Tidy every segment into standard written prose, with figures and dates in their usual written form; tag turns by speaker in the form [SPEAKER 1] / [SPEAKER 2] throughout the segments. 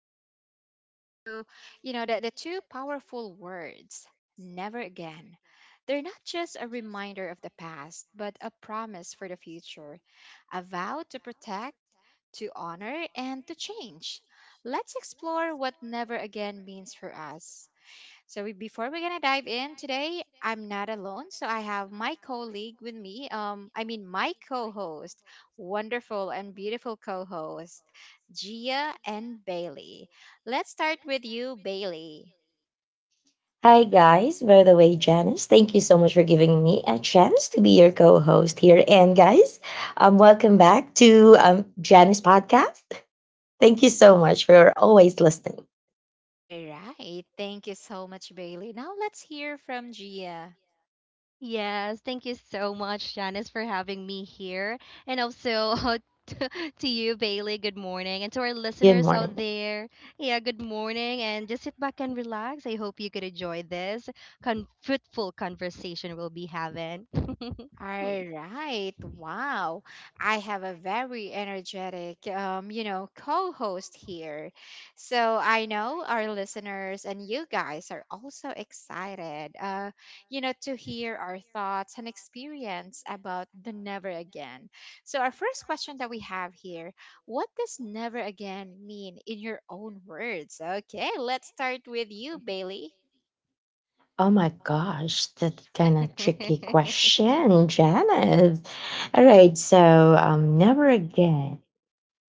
[SPEAKER 1] going to dive into, the two powerful words, never again. They're not just a reminder of the past, but a promise for the future, a vow to protect, to honor, and to change. Let's explore what never again means for us. So before we're gonna dive in today, I'm not alone. So I have my colleague with me. I mean my co-host, wonderful and beautiful co-host, Gia and Bailey. Let's start with you, Bailey.
[SPEAKER 2] Hi, guys. By the way, Janice, thank you so much for giving me a chance to be your co host here. And, guys, welcome back to Janice Podcast. Thank you so much for always listening.
[SPEAKER 1] All right. Thank you so much, Bailey. Now let's hear from Gia.
[SPEAKER 3] Yes, thank you so much, Janice, for having me here. And also to, to you, Bailey, good morning. And to our
[SPEAKER 2] Good
[SPEAKER 3] listeners out
[SPEAKER 2] morning.
[SPEAKER 3] there, yeah, good morning. And just sit back and relax. I hope you could enjoy this fruitful conversation we'll be having.
[SPEAKER 1] All right. Wow. I have a very energetic, co-host here. So I know our listeners and you guys are also excited, to hear our thoughts and experience about the never again. So our first question that we have here, what does never again mean in your own words? Okay, let's start with you, Bailey.
[SPEAKER 2] Oh my gosh, that's kind of tricky question, Janice. All right, so never again.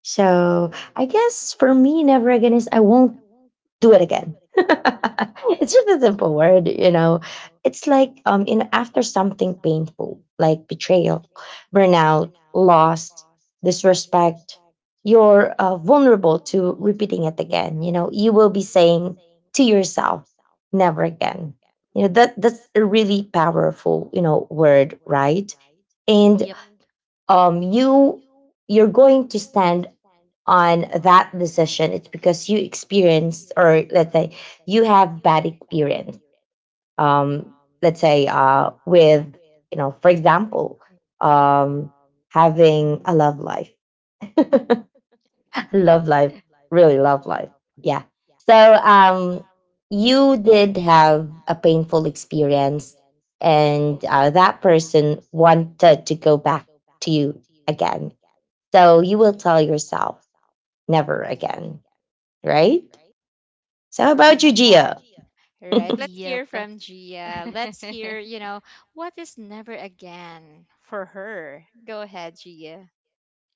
[SPEAKER 2] So I guess for me, never again is I won't do it again. It's just a simple word, you know. It's like you know, after something painful, like betrayal, burnout, loss, disrespect, you're vulnerable to repeating it again. You know, you will be saying to yourself, "Never again." You know that's a really powerful, you know, word, right? And
[SPEAKER 3] Yep.
[SPEAKER 2] um you you're going to stand on that decision. It's because you experienced, or let's say you have bad experience, um let's say with, you know, for example, um having a love
[SPEAKER 3] Mhm.
[SPEAKER 2] life. Love life, really love life, yeah. So you did have a painful experience, and that person wanted to go back to you again, so you will tell yourself, never again, right? So how
[SPEAKER 1] Correct.
[SPEAKER 2] about you, Gia?
[SPEAKER 1] Right.
[SPEAKER 2] Mm-hmm.
[SPEAKER 1] Let's hear
[SPEAKER 3] Yep.
[SPEAKER 1] from Gia. Let's hear, what is never again for her. Go ahead, Gia.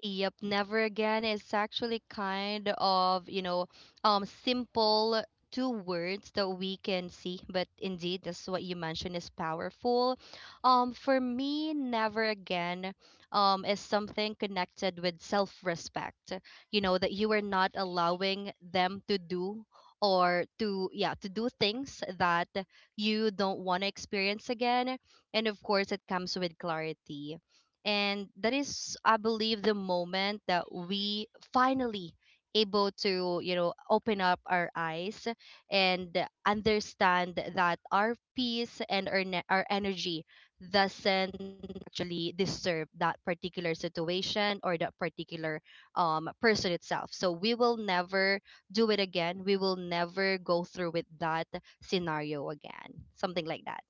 [SPEAKER 3] Yep, never again is actually kind of, simple two words that we can see, but indeed that's what you mentioned is powerful. For me, never again is something connected with self-respect. You know, that you are not allowing them to do or to, yeah, to do things that you don't want to experience again. And of course, it comes with clarity, and that is, I believe, the moment that we finally able to, open up our eyes and understand that our peace and our energy doesn't actually disturb that particular situation or that particular person itself. So we will never do it again, we will never go through with that scenario again, something like that.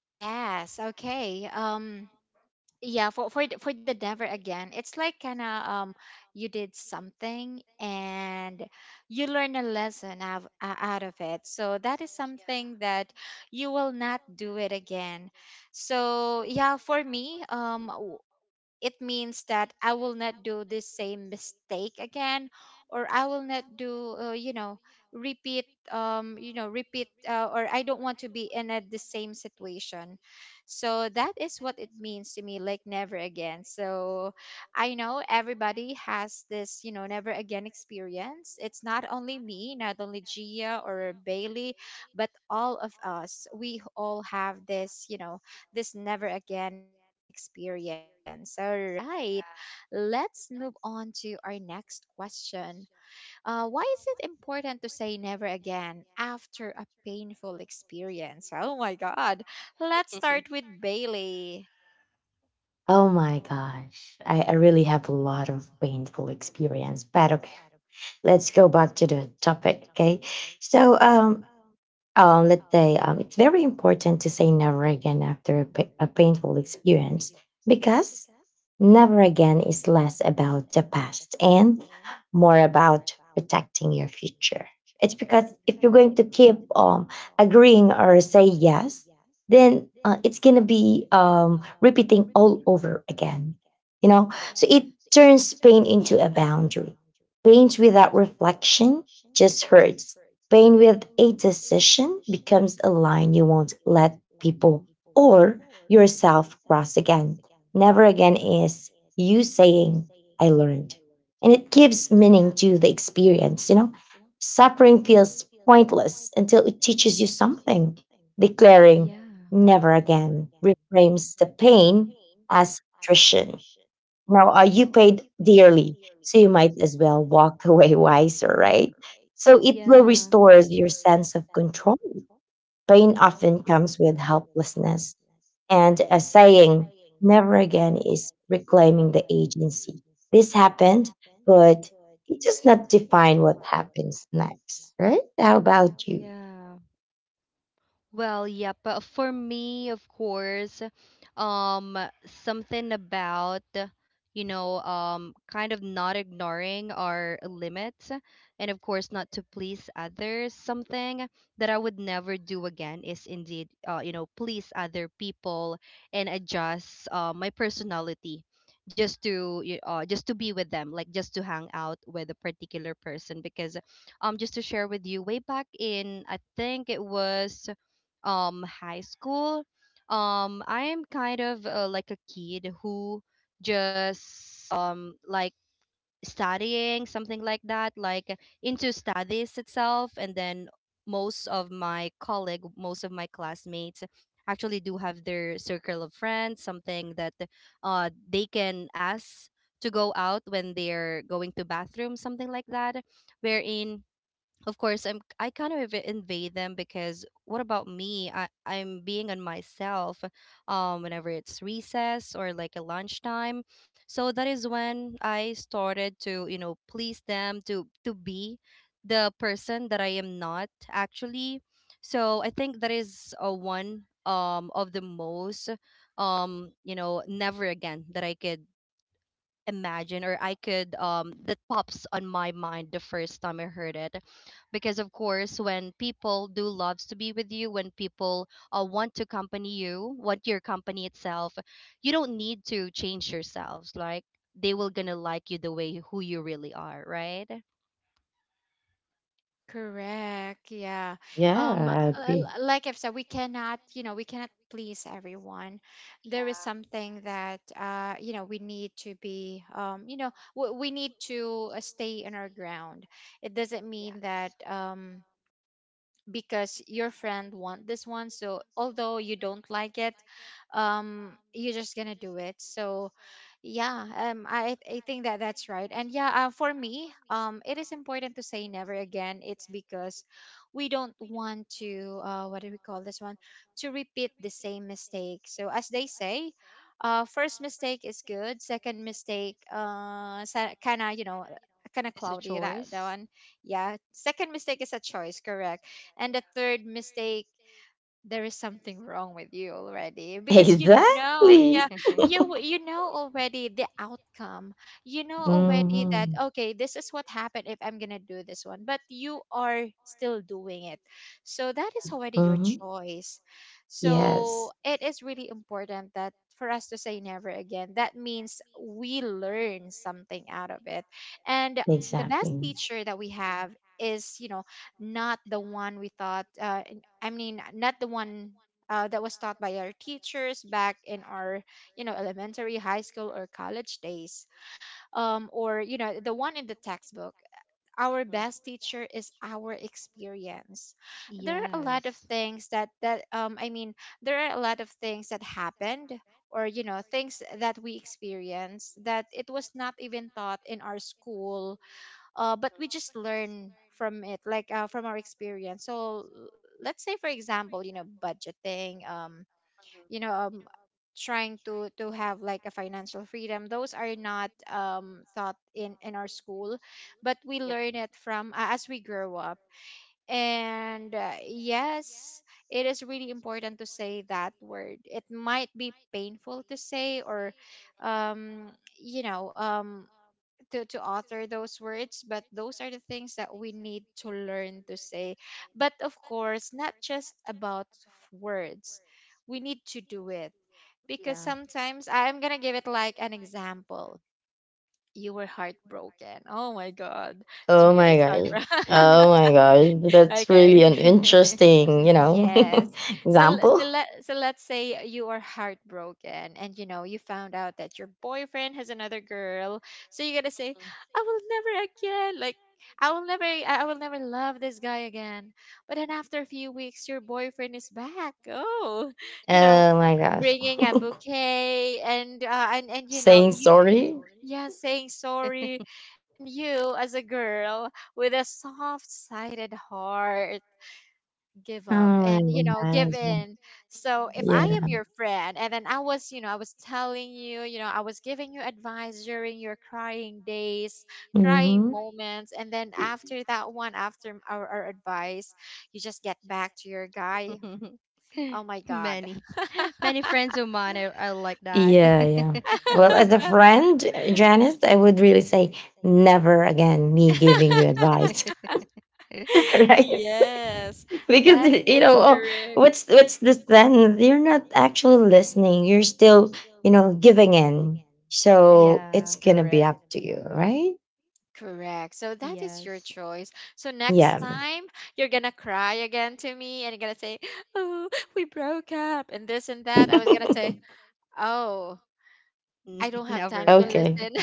[SPEAKER 1] Yes, okay. Yeah, for the never again. It's like kind of you did something and you learn a lesson out of it. So that is something that you will not do it again. So yeah, for me, it means that I will not do this same mistake again, or I will not do, repeat, repeat, or I don't want to be in the same situation. So that is what it means to me, like never again. So I know everybody has this, never again experience. It's not only me, not only Gia or Bailey, but all of us. We all have this, this never again experience. All right, let's move on to our next question. Why is it important to say never again after a painful experience? Oh my God. Let's start with Bailey.
[SPEAKER 2] Oh my gosh, I really have a lot of painful experience. But okay, let's go back to the topic. Okay, so let's say it's very important to say never again after a, a painful experience, because never again is less about the past and more about protecting your future. It's because if you're going to keep agreeing or say yes, then it's going to be repeating all over again. You know, so it turns pain into a boundary. Pain without reflection just hurts. Pain with a decision becomes a line you won't let people or yourself cross again. Never again is you saying, I learned. And it gives meaning to the experience. You know, suffering feels pointless until it teaches you something. Declaring never again reframes the pain as attrition. Now, you paid dearly, so you might as well walk away wiser, right? So it will
[SPEAKER 3] Yeah.
[SPEAKER 2] restore your sense of control. Pain often comes with helplessness, and a saying, never again, is reclaiming the agency. This happened, but it does not define what happens next, right? How about you?
[SPEAKER 3] Yeah. Well, yep. For me, of course, um, something about, kind of not ignoring our limits and, of course, not to please others. Something that I would never do again is indeed, please other people and adjust my personality just to just to be with them, like just to hang out with a particular person. Because just to share with you, way back in, I think it was, high school, I am kind of like a kid who just, like, studying something like that, like into studies itself. And then most of my colleague most of my classmates actually do have their circle of friends, something that they can ask to go out when they're going to bathroom, something like that, wherein of course I kind of invade them. Because what about me, I'm being on myself whenever it's recess or like a lunchtime. So that is when I started to, you know, please them, to be the person that I am not actually. So I think that is a one, of the most, never again that I could imagine, or I could, that pops on my mind the first time I heard it. Because of course, when people do loves to be with you, when people, want to accompany you, want your company itself, you don't need to change yourselves, like, they will gonna like you the way who you really are, right?
[SPEAKER 1] Correct. Yeah.
[SPEAKER 2] Yeah,
[SPEAKER 1] Um, l-
[SPEAKER 2] I agree.
[SPEAKER 1] l- like I've said, we cannot, we cannot please everyone. There is
[SPEAKER 3] Yeah.
[SPEAKER 1] something that, you know, we need to be, you know, w- we need to stay in our ground. It doesn't mean that,
[SPEAKER 3] Yes,
[SPEAKER 1] because your friend want this one, so although you don't like it, you're just gonna do it. So yeah, I think that that's right. And yeah, for me, it is important to say never again. It's because we don't want to what do we call this one, to repeat the same mistake. So as they say, first mistake is good, second mistake kind of, kind of
[SPEAKER 3] it's a
[SPEAKER 1] cloudy, that
[SPEAKER 3] choice.
[SPEAKER 1] one. Yeah, second mistake is a choice, correct. And the third mistake, there is something wrong with you already, because you know yeah,
[SPEAKER 2] Exactly.
[SPEAKER 1] you know already the outcome. You know already that
[SPEAKER 2] Hmm.
[SPEAKER 1] okay, this is what happened if I'm gonna do this one, but you are still doing it. So that
[SPEAKER 3] Yeah.
[SPEAKER 1] is already your
[SPEAKER 2] Hmm.
[SPEAKER 1] choice. So
[SPEAKER 2] Yes,
[SPEAKER 1] it is really important that for us to say never again. That means we learn something out of it. And the best
[SPEAKER 2] exactly.
[SPEAKER 1] teacher that we have is, you know, not the one we thought I mean, not the one that was taught by our teachers back in our, you know, elementary, high school, or college days, or you know, the one in the textbook. Our best teacher is our experience. There are a lot of
[SPEAKER 3] Yes.
[SPEAKER 1] things that that I mean, there are a lot of things that happened or you know things that we experienced that it was not even taught in our school, but we just learn from it, like from our experience. So let's say for example, you know, budgeting, you know um trying to have like a financial freedom. Those are not taught in our school, but we
[SPEAKER 3] Yep.
[SPEAKER 1] learn it from, as we grow up. And yes, it is really important to say that word. It might be painful to say, or um you know um to author those words, but those are the things that we need to learn to say. But of course, not just about words, we need to do it, because
[SPEAKER 3] Yeah.
[SPEAKER 1] sometimes I'm gonna give it like an example. You were heartbroken. Oh my God,
[SPEAKER 2] Oh
[SPEAKER 1] Gia
[SPEAKER 2] my
[SPEAKER 1] is
[SPEAKER 2] gosh.
[SPEAKER 1] heartbroken.
[SPEAKER 2] Oh my gosh. That's really
[SPEAKER 1] Okay,
[SPEAKER 2] an interesting, you know,
[SPEAKER 1] yes. So l-
[SPEAKER 2] example.
[SPEAKER 1] so let so let's say you are heartbroken and you know you found out that your boyfriend has another girl. So you gotta say, I will never again. Like I will never, I will never love this guy again. But then after a few weeks your boyfriend is back. Oh, you know,
[SPEAKER 2] Oh my gosh.
[SPEAKER 1] bringing a bouquet, and and you know
[SPEAKER 2] Saying
[SPEAKER 1] you,
[SPEAKER 2] sorry.
[SPEAKER 1] yeah, saying sorry. You, as a girl with a soft-sided heart, give up
[SPEAKER 2] Oh
[SPEAKER 1] and
[SPEAKER 2] my
[SPEAKER 1] you know give
[SPEAKER 2] gosh.
[SPEAKER 1] in. So if I
[SPEAKER 2] Yeah.
[SPEAKER 1] am your friend, and then I was, you know, I was telling you, you know, I was giving you advice during your crying days, crying
[SPEAKER 2] Hmm.
[SPEAKER 1] moments, and then after that one, after our advice, you just get back to your guy. Oh my God.
[SPEAKER 3] many, Many friends of mine are like that.
[SPEAKER 2] Yeah, yeah. Well, as a friend, Janice, I would really say never again me giving you advice.
[SPEAKER 3] Yeah.
[SPEAKER 2] Right?
[SPEAKER 1] Yes,
[SPEAKER 2] Because
[SPEAKER 1] that
[SPEAKER 2] you
[SPEAKER 1] is
[SPEAKER 2] know, oh,
[SPEAKER 1] correct.
[SPEAKER 2] what's this? Then you're not actually listening, you're still, you know, giving in,
[SPEAKER 1] That
[SPEAKER 2] so
[SPEAKER 1] is
[SPEAKER 3] Yeah.
[SPEAKER 2] it's
[SPEAKER 3] So
[SPEAKER 2] gonna
[SPEAKER 3] it's
[SPEAKER 2] be
[SPEAKER 1] correct.
[SPEAKER 2] up
[SPEAKER 3] gonna
[SPEAKER 2] to
[SPEAKER 3] be up
[SPEAKER 2] you,
[SPEAKER 3] to you.
[SPEAKER 2] right?
[SPEAKER 1] Correct. So that is your
[SPEAKER 3] Yes.
[SPEAKER 1] choice. So next
[SPEAKER 2] Yeah.
[SPEAKER 1] time you're gonna cry again to me and you're gonna say, oh, we broke up and this and that. I was gonna say, oh, I don't have
[SPEAKER 3] Never
[SPEAKER 1] time to
[SPEAKER 3] again.
[SPEAKER 2] Okay.
[SPEAKER 1] listen,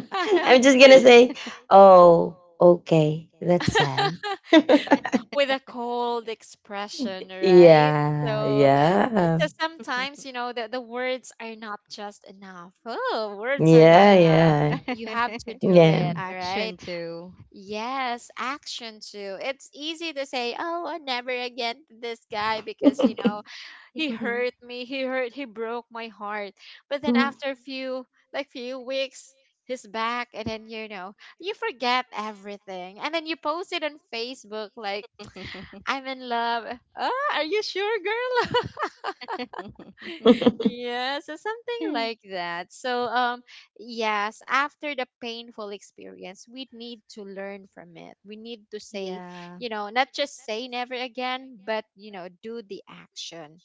[SPEAKER 2] I'm just gonna
[SPEAKER 3] Oh,
[SPEAKER 2] say, oh okay, that's sad.
[SPEAKER 1] with a cold expression, right?
[SPEAKER 2] Yeah,
[SPEAKER 1] So
[SPEAKER 2] yeah,
[SPEAKER 1] so sometimes, you know, the words are not just enough. Oh, words are not
[SPEAKER 2] yeah,
[SPEAKER 3] yeah.
[SPEAKER 1] enough.
[SPEAKER 2] yeah,
[SPEAKER 1] You have
[SPEAKER 3] Yeah.
[SPEAKER 1] to do
[SPEAKER 2] yeah.
[SPEAKER 1] it, right?
[SPEAKER 3] Action too.
[SPEAKER 1] Yes, action too. It's easy to say, "Oh, I never again to this guy because you know he hurt me. He hurt. He broke my heart." But then after a few weeks, he's back, and then you know you forget everything, and then you post it on Facebook like, "I'm in love." Ah, are you sure, girl? Yeah, so something
[SPEAKER 3] Mm.
[SPEAKER 1] like that. So, yes, after the painful experience, we need to learn from it. We need to say,
[SPEAKER 3] Yeah.
[SPEAKER 1] you know, not just say never again, but, you know, do the action,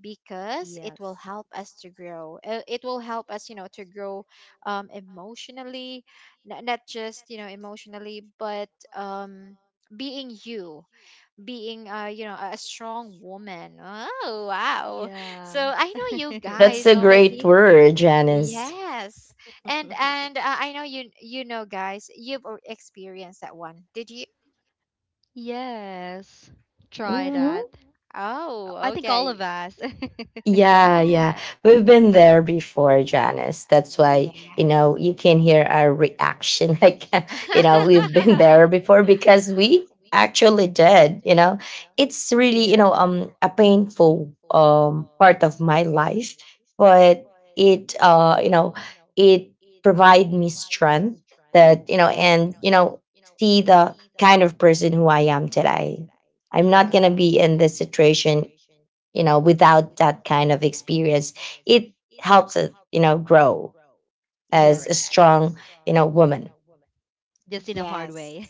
[SPEAKER 1] because it will
[SPEAKER 3] Yes.
[SPEAKER 1] help us to grow. It will help us, you know, to grow emotionally, not just, you know, emotionally, but um, being you, being a strong woman. Oh wow, so
[SPEAKER 3] Yeah.
[SPEAKER 1] I know you
[SPEAKER 2] That's
[SPEAKER 1] guys
[SPEAKER 2] a great
[SPEAKER 1] already.
[SPEAKER 2] word, Janice.
[SPEAKER 1] Yes, and I know you, you know guys, experienced that one, did you?
[SPEAKER 3] Yes. Try
[SPEAKER 2] Mhm.
[SPEAKER 3] that.
[SPEAKER 1] Oh
[SPEAKER 3] I think all
[SPEAKER 1] okay.
[SPEAKER 3] of us.
[SPEAKER 2] Yeah, yeah.
[SPEAKER 1] Yeah,
[SPEAKER 2] We've been there before, Janice. That's why, you
[SPEAKER 1] yes.
[SPEAKER 2] know, you can hear our
[SPEAKER 3] Yeah.
[SPEAKER 2] reaction. Like, you know, we've been there before because we actually did, you know. It's really, you
[SPEAKER 3] Yeah.
[SPEAKER 2] know, a painful part of my life, but it, you know, it provide me strength that, you know,
[SPEAKER 1] Yeah,
[SPEAKER 2] and you know, see the kind of person who I am today. I'm not gonna
[SPEAKER 1] cor-
[SPEAKER 2] be in this situation, you know, without that kind of experience. It helps us, you know, grow as a
[SPEAKER 1] correct.
[SPEAKER 3] Yes.
[SPEAKER 2] strong, you know, woman.
[SPEAKER 3] Just in a hard
[SPEAKER 1] Yes.
[SPEAKER 3] way.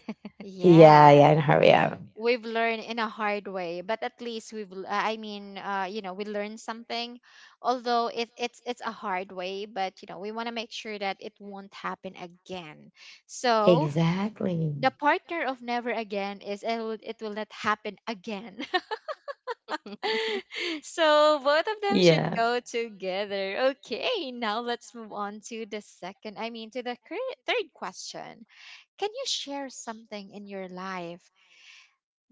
[SPEAKER 2] Yeah,
[SPEAKER 1] Yes,
[SPEAKER 2] yeah, in her, yeah.
[SPEAKER 1] we've learned in a hard way, but at least I mean, you know we learned something. Although it's a hard way, but you know we want to make sure that it won't happen again.
[SPEAKER 3] Yeah.
[SPEAKER 1] So the
[SPEAKER 2] Exactly.
[SPEAKER 1] partner of never again is it will not happen again. So both of them should
[SPEAKER 2] Yeah.
[SPEAKER 1] go together. Okay, now let's move on to the second I mean to the cur- third question. Can you share something in your life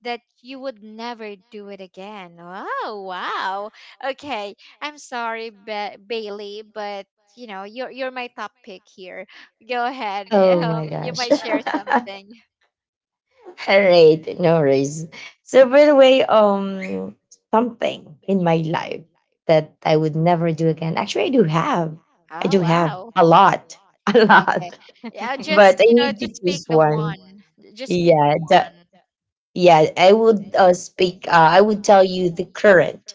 [SPEAKER 1] that you would never do it again? Oh, wow. Okay, I'm sorry, Bailey, but you know, you're my top pick here. Go ahead.
[SPEAKER 2] Oh my
[SPEAKER 1] You
[SPEAKER 2] gosh.
[SPEAKER 1] might share something.
[SPEAKER 2] All right, no worries. So by the way, something in my life that I would never do again, actually I do have, I
[SPEAKER 1] Oh,
[SPEAKER 2] do have
[SPEAKER 1] wow.
[SPEAKER 2] a lot. A
[SPEAKER 1] Okay.
[SPEAKER 2] lot.
[SPEAKER 1] Yeah,
[SPEAKER 2] But
[SPEAKER 1] just,
[SPEAKER 2] I
[SPEAKER 1] you know,
[SPEAKER 2] need to
[SPEAKER 1] just pick
[SPEAKER 2] choose
[SPEAKER 1] the
[SPEAKER 2] one.
[SPEAKER 1] one. Just pick
[SPEAKER 2] Yeah, the,
[SPEAKER 1] one.
[SPEAKER 2] yeah, I would, speak. I would tell you the current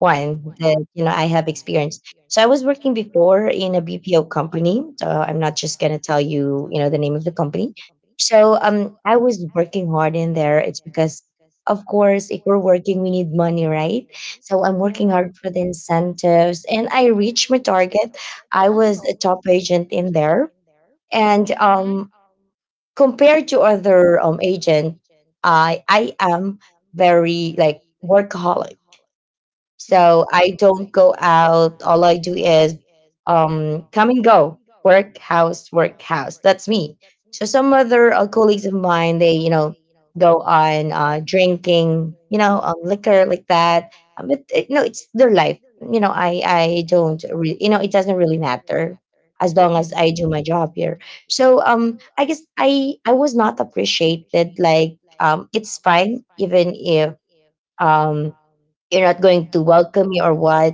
[SPEAKER 2] one that you know I have experienced. So I was working before in a BPO company. So I'm not just gonna tell you, you know, the name of the company. So I was working hard in there. It's because, of course, if we're working, we need money, right? So I'm working
[SPEAKER 3] Yeah.
[SPEAKER 2] hard for the incentives, and I reached my target. I was a
[SPEAKER 1] Wow.
[SPEAKER 2] top agent in there, and
[SPEAKER 3] Mhm.
[SPEAKER 1] Mhm.
[SPEAKER 2] compared to other agent, I am very like workaholic, so
[SPEAKER 3] Mm-hmm.
[SPEAKER 2] I don't go out. All I do is come and go, work house, work house. That's me. So some other colleagues of mine, they, you know, go on drinking, you know, liquor like that. But it, no, it's their life. You know, I don't really, you know, it doesn't really matter as long as I do my job here. So I guess I was not appreciated. Like it's fine even if um you're not going to welcome me or what.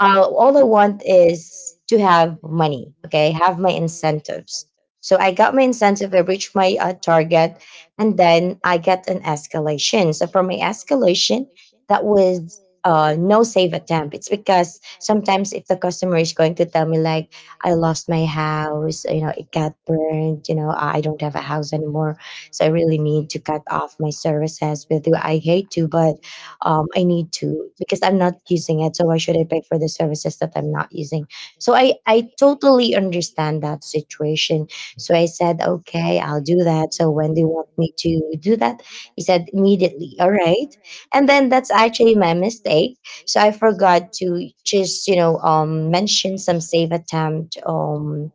[SPEAKER 2] All I want is to have money. Okay, have my incentives. So I got my incentive. I reached my target, and then I get an escalation. So for my escalation, that was no save attempt. It's because sometimes if the customer is going to tell me like, I lost my house, you know, it got burned, you know, I don't have a house anymore, so I really need to cut off my services with you. I hate to, but I need to because I'm not using it. So why should I pay for the services that I'm not using? So I totally understand that situation. So I said, okay, I'll do that. So when do you want me to do that? He said immediately. All right, and then that's actually my mistake. So I forgot to just, you know, mention some save attempt.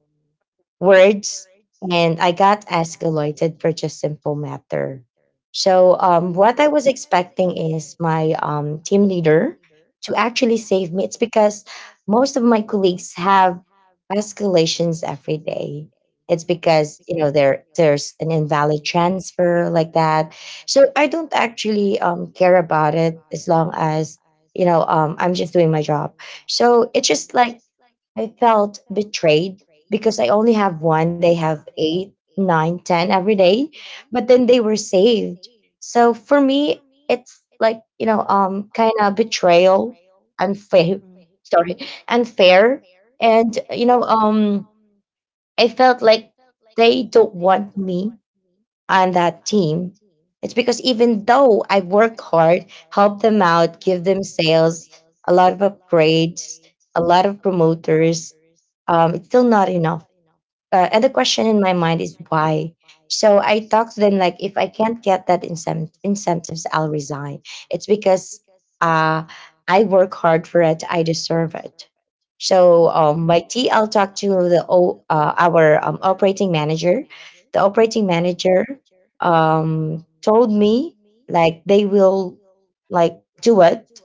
[SPEAKER 2] words, and I got escalated for just simple matter. So what I was expecting is my team leader to actually save me. It's because most of my colleagues have escalations every day. It's because you know
[SPEAKER 3] Mm-hmm.
[SPEAKER 2] there's an invalid transfer like that. So I don't actually care about it as long as, you know, I'm just doing my job. So it's just like I felt betrayed because I only have one. They have eight, nine, ten every day, but then they were saved. So for me, it's like, you know, kind of betrayal, unfair, sorry, unfair, and you know, I felt like they don't want me on that team. It's because even though I work hard, help them out, give them sales, a lot of upgrades, a lot of promoters, it's still not enough, and the question in my mind is why. So I talked to them like, if I can't get that incentives, I'll resign. It's because uh, I work hard for it, I deserve it. So my t I'll talk to the our operating manager. The operating manager told me like they will like do it,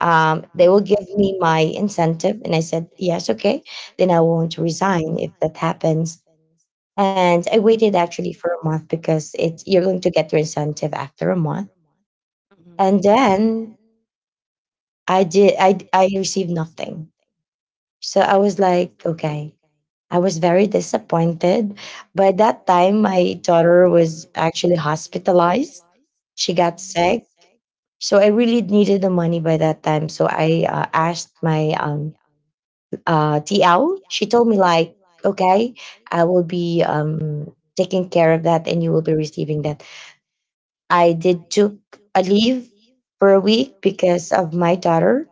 [SPEAKER 2] they will give me my incentive, and I said yes, okay, then I won't resign if that happens. And I waited actually for a month because it, you're going to get your incentive after a month.
[SPEAKER 3] Mm-hmm.
[SPEAKER 2] And then I did, I received nothing. So I was like, okay. I was very disappointed. By that time my daughter was actually hospitalized. She got sick. So I really needed the money by that time. So I asked my TL. She told me like, okay, I will be taking care of that and you will be receiving that. I did took a leave for a week because of my daughter,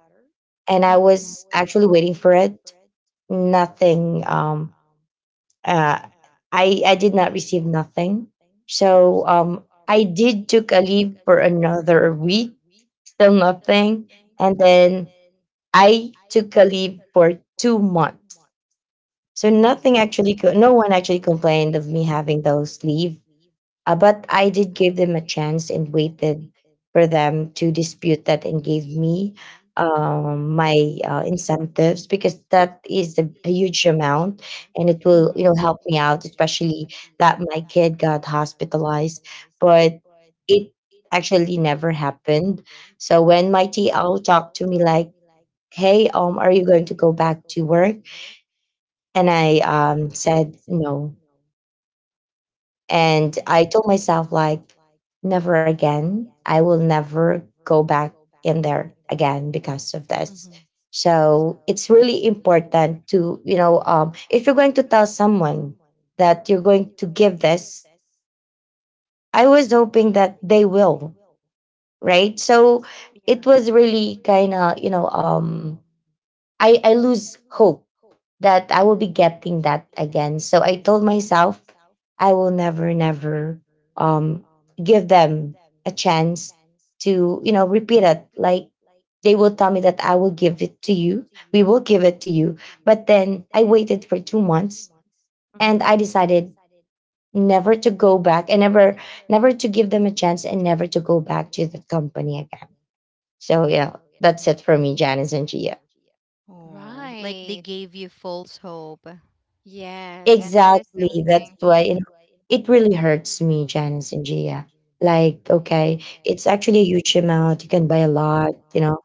[SPEAKER 2] and I
[SPEAKER 3] Mm-hmm.
[SPEAKER 2] was actually waiting for it. Nothing. Uh, I did not receive nothing. So I did took a leave for another week. Still nothing, and then I took a leave for 2 months. So
[SPEAKER 3] Mm-hmm.
[SPEAKER 2] nothing actually. No one actually complained of me having those leave, but I did give them a chance and waited for them to dispute that and gave me my incentives because that is a huge amount and it will, you know, help
[SPEAKER 3] It.
[SPEAKER 2] me out, especially that my kid got hospitalized, but it actually never happened. So when my TL talked to me like, "Hey, are you going to go back to work?" And I said no, and I told
[SPEAKER 3] Yeah.
[SPEAKER 2] myself like never again. I will never go back in there again because of this. So it's really important to, you know, if you're going to tell someone that you're going to give this, I was hoping that they will, right? So it was really kind of, you know, I lose hope that I will be getting that again. So I told myself I will never, never um, give them a chance to, you know,
[SPEAKER 3] Mm-hmm.
[SPEAKER 2] repeat it. Like they will tell me that I will give it to you. We will give it to you. But then I waited for 2 months and I
[SPEAKER 3] Mm-hmm.
[SPEAKER 2] decided never to go back and never to give them a chance and never to go back to that company again. So, you know, that's it for me, Janice and Gia.
[SPEAKER 3] Oh, like they
[SPEAKER 1] Right.
[SPEAKER 3] gave you false hope.
[SPEAKER 1] Yes, and that is
[SPEAKER 2] Exactly. That's
[SPEAKER 1] something.
[SPEAKER 2] why you know, it really hurts me, Janice and Gia. Like, okay, it's actually a huge amount. You can buy a lot, you know,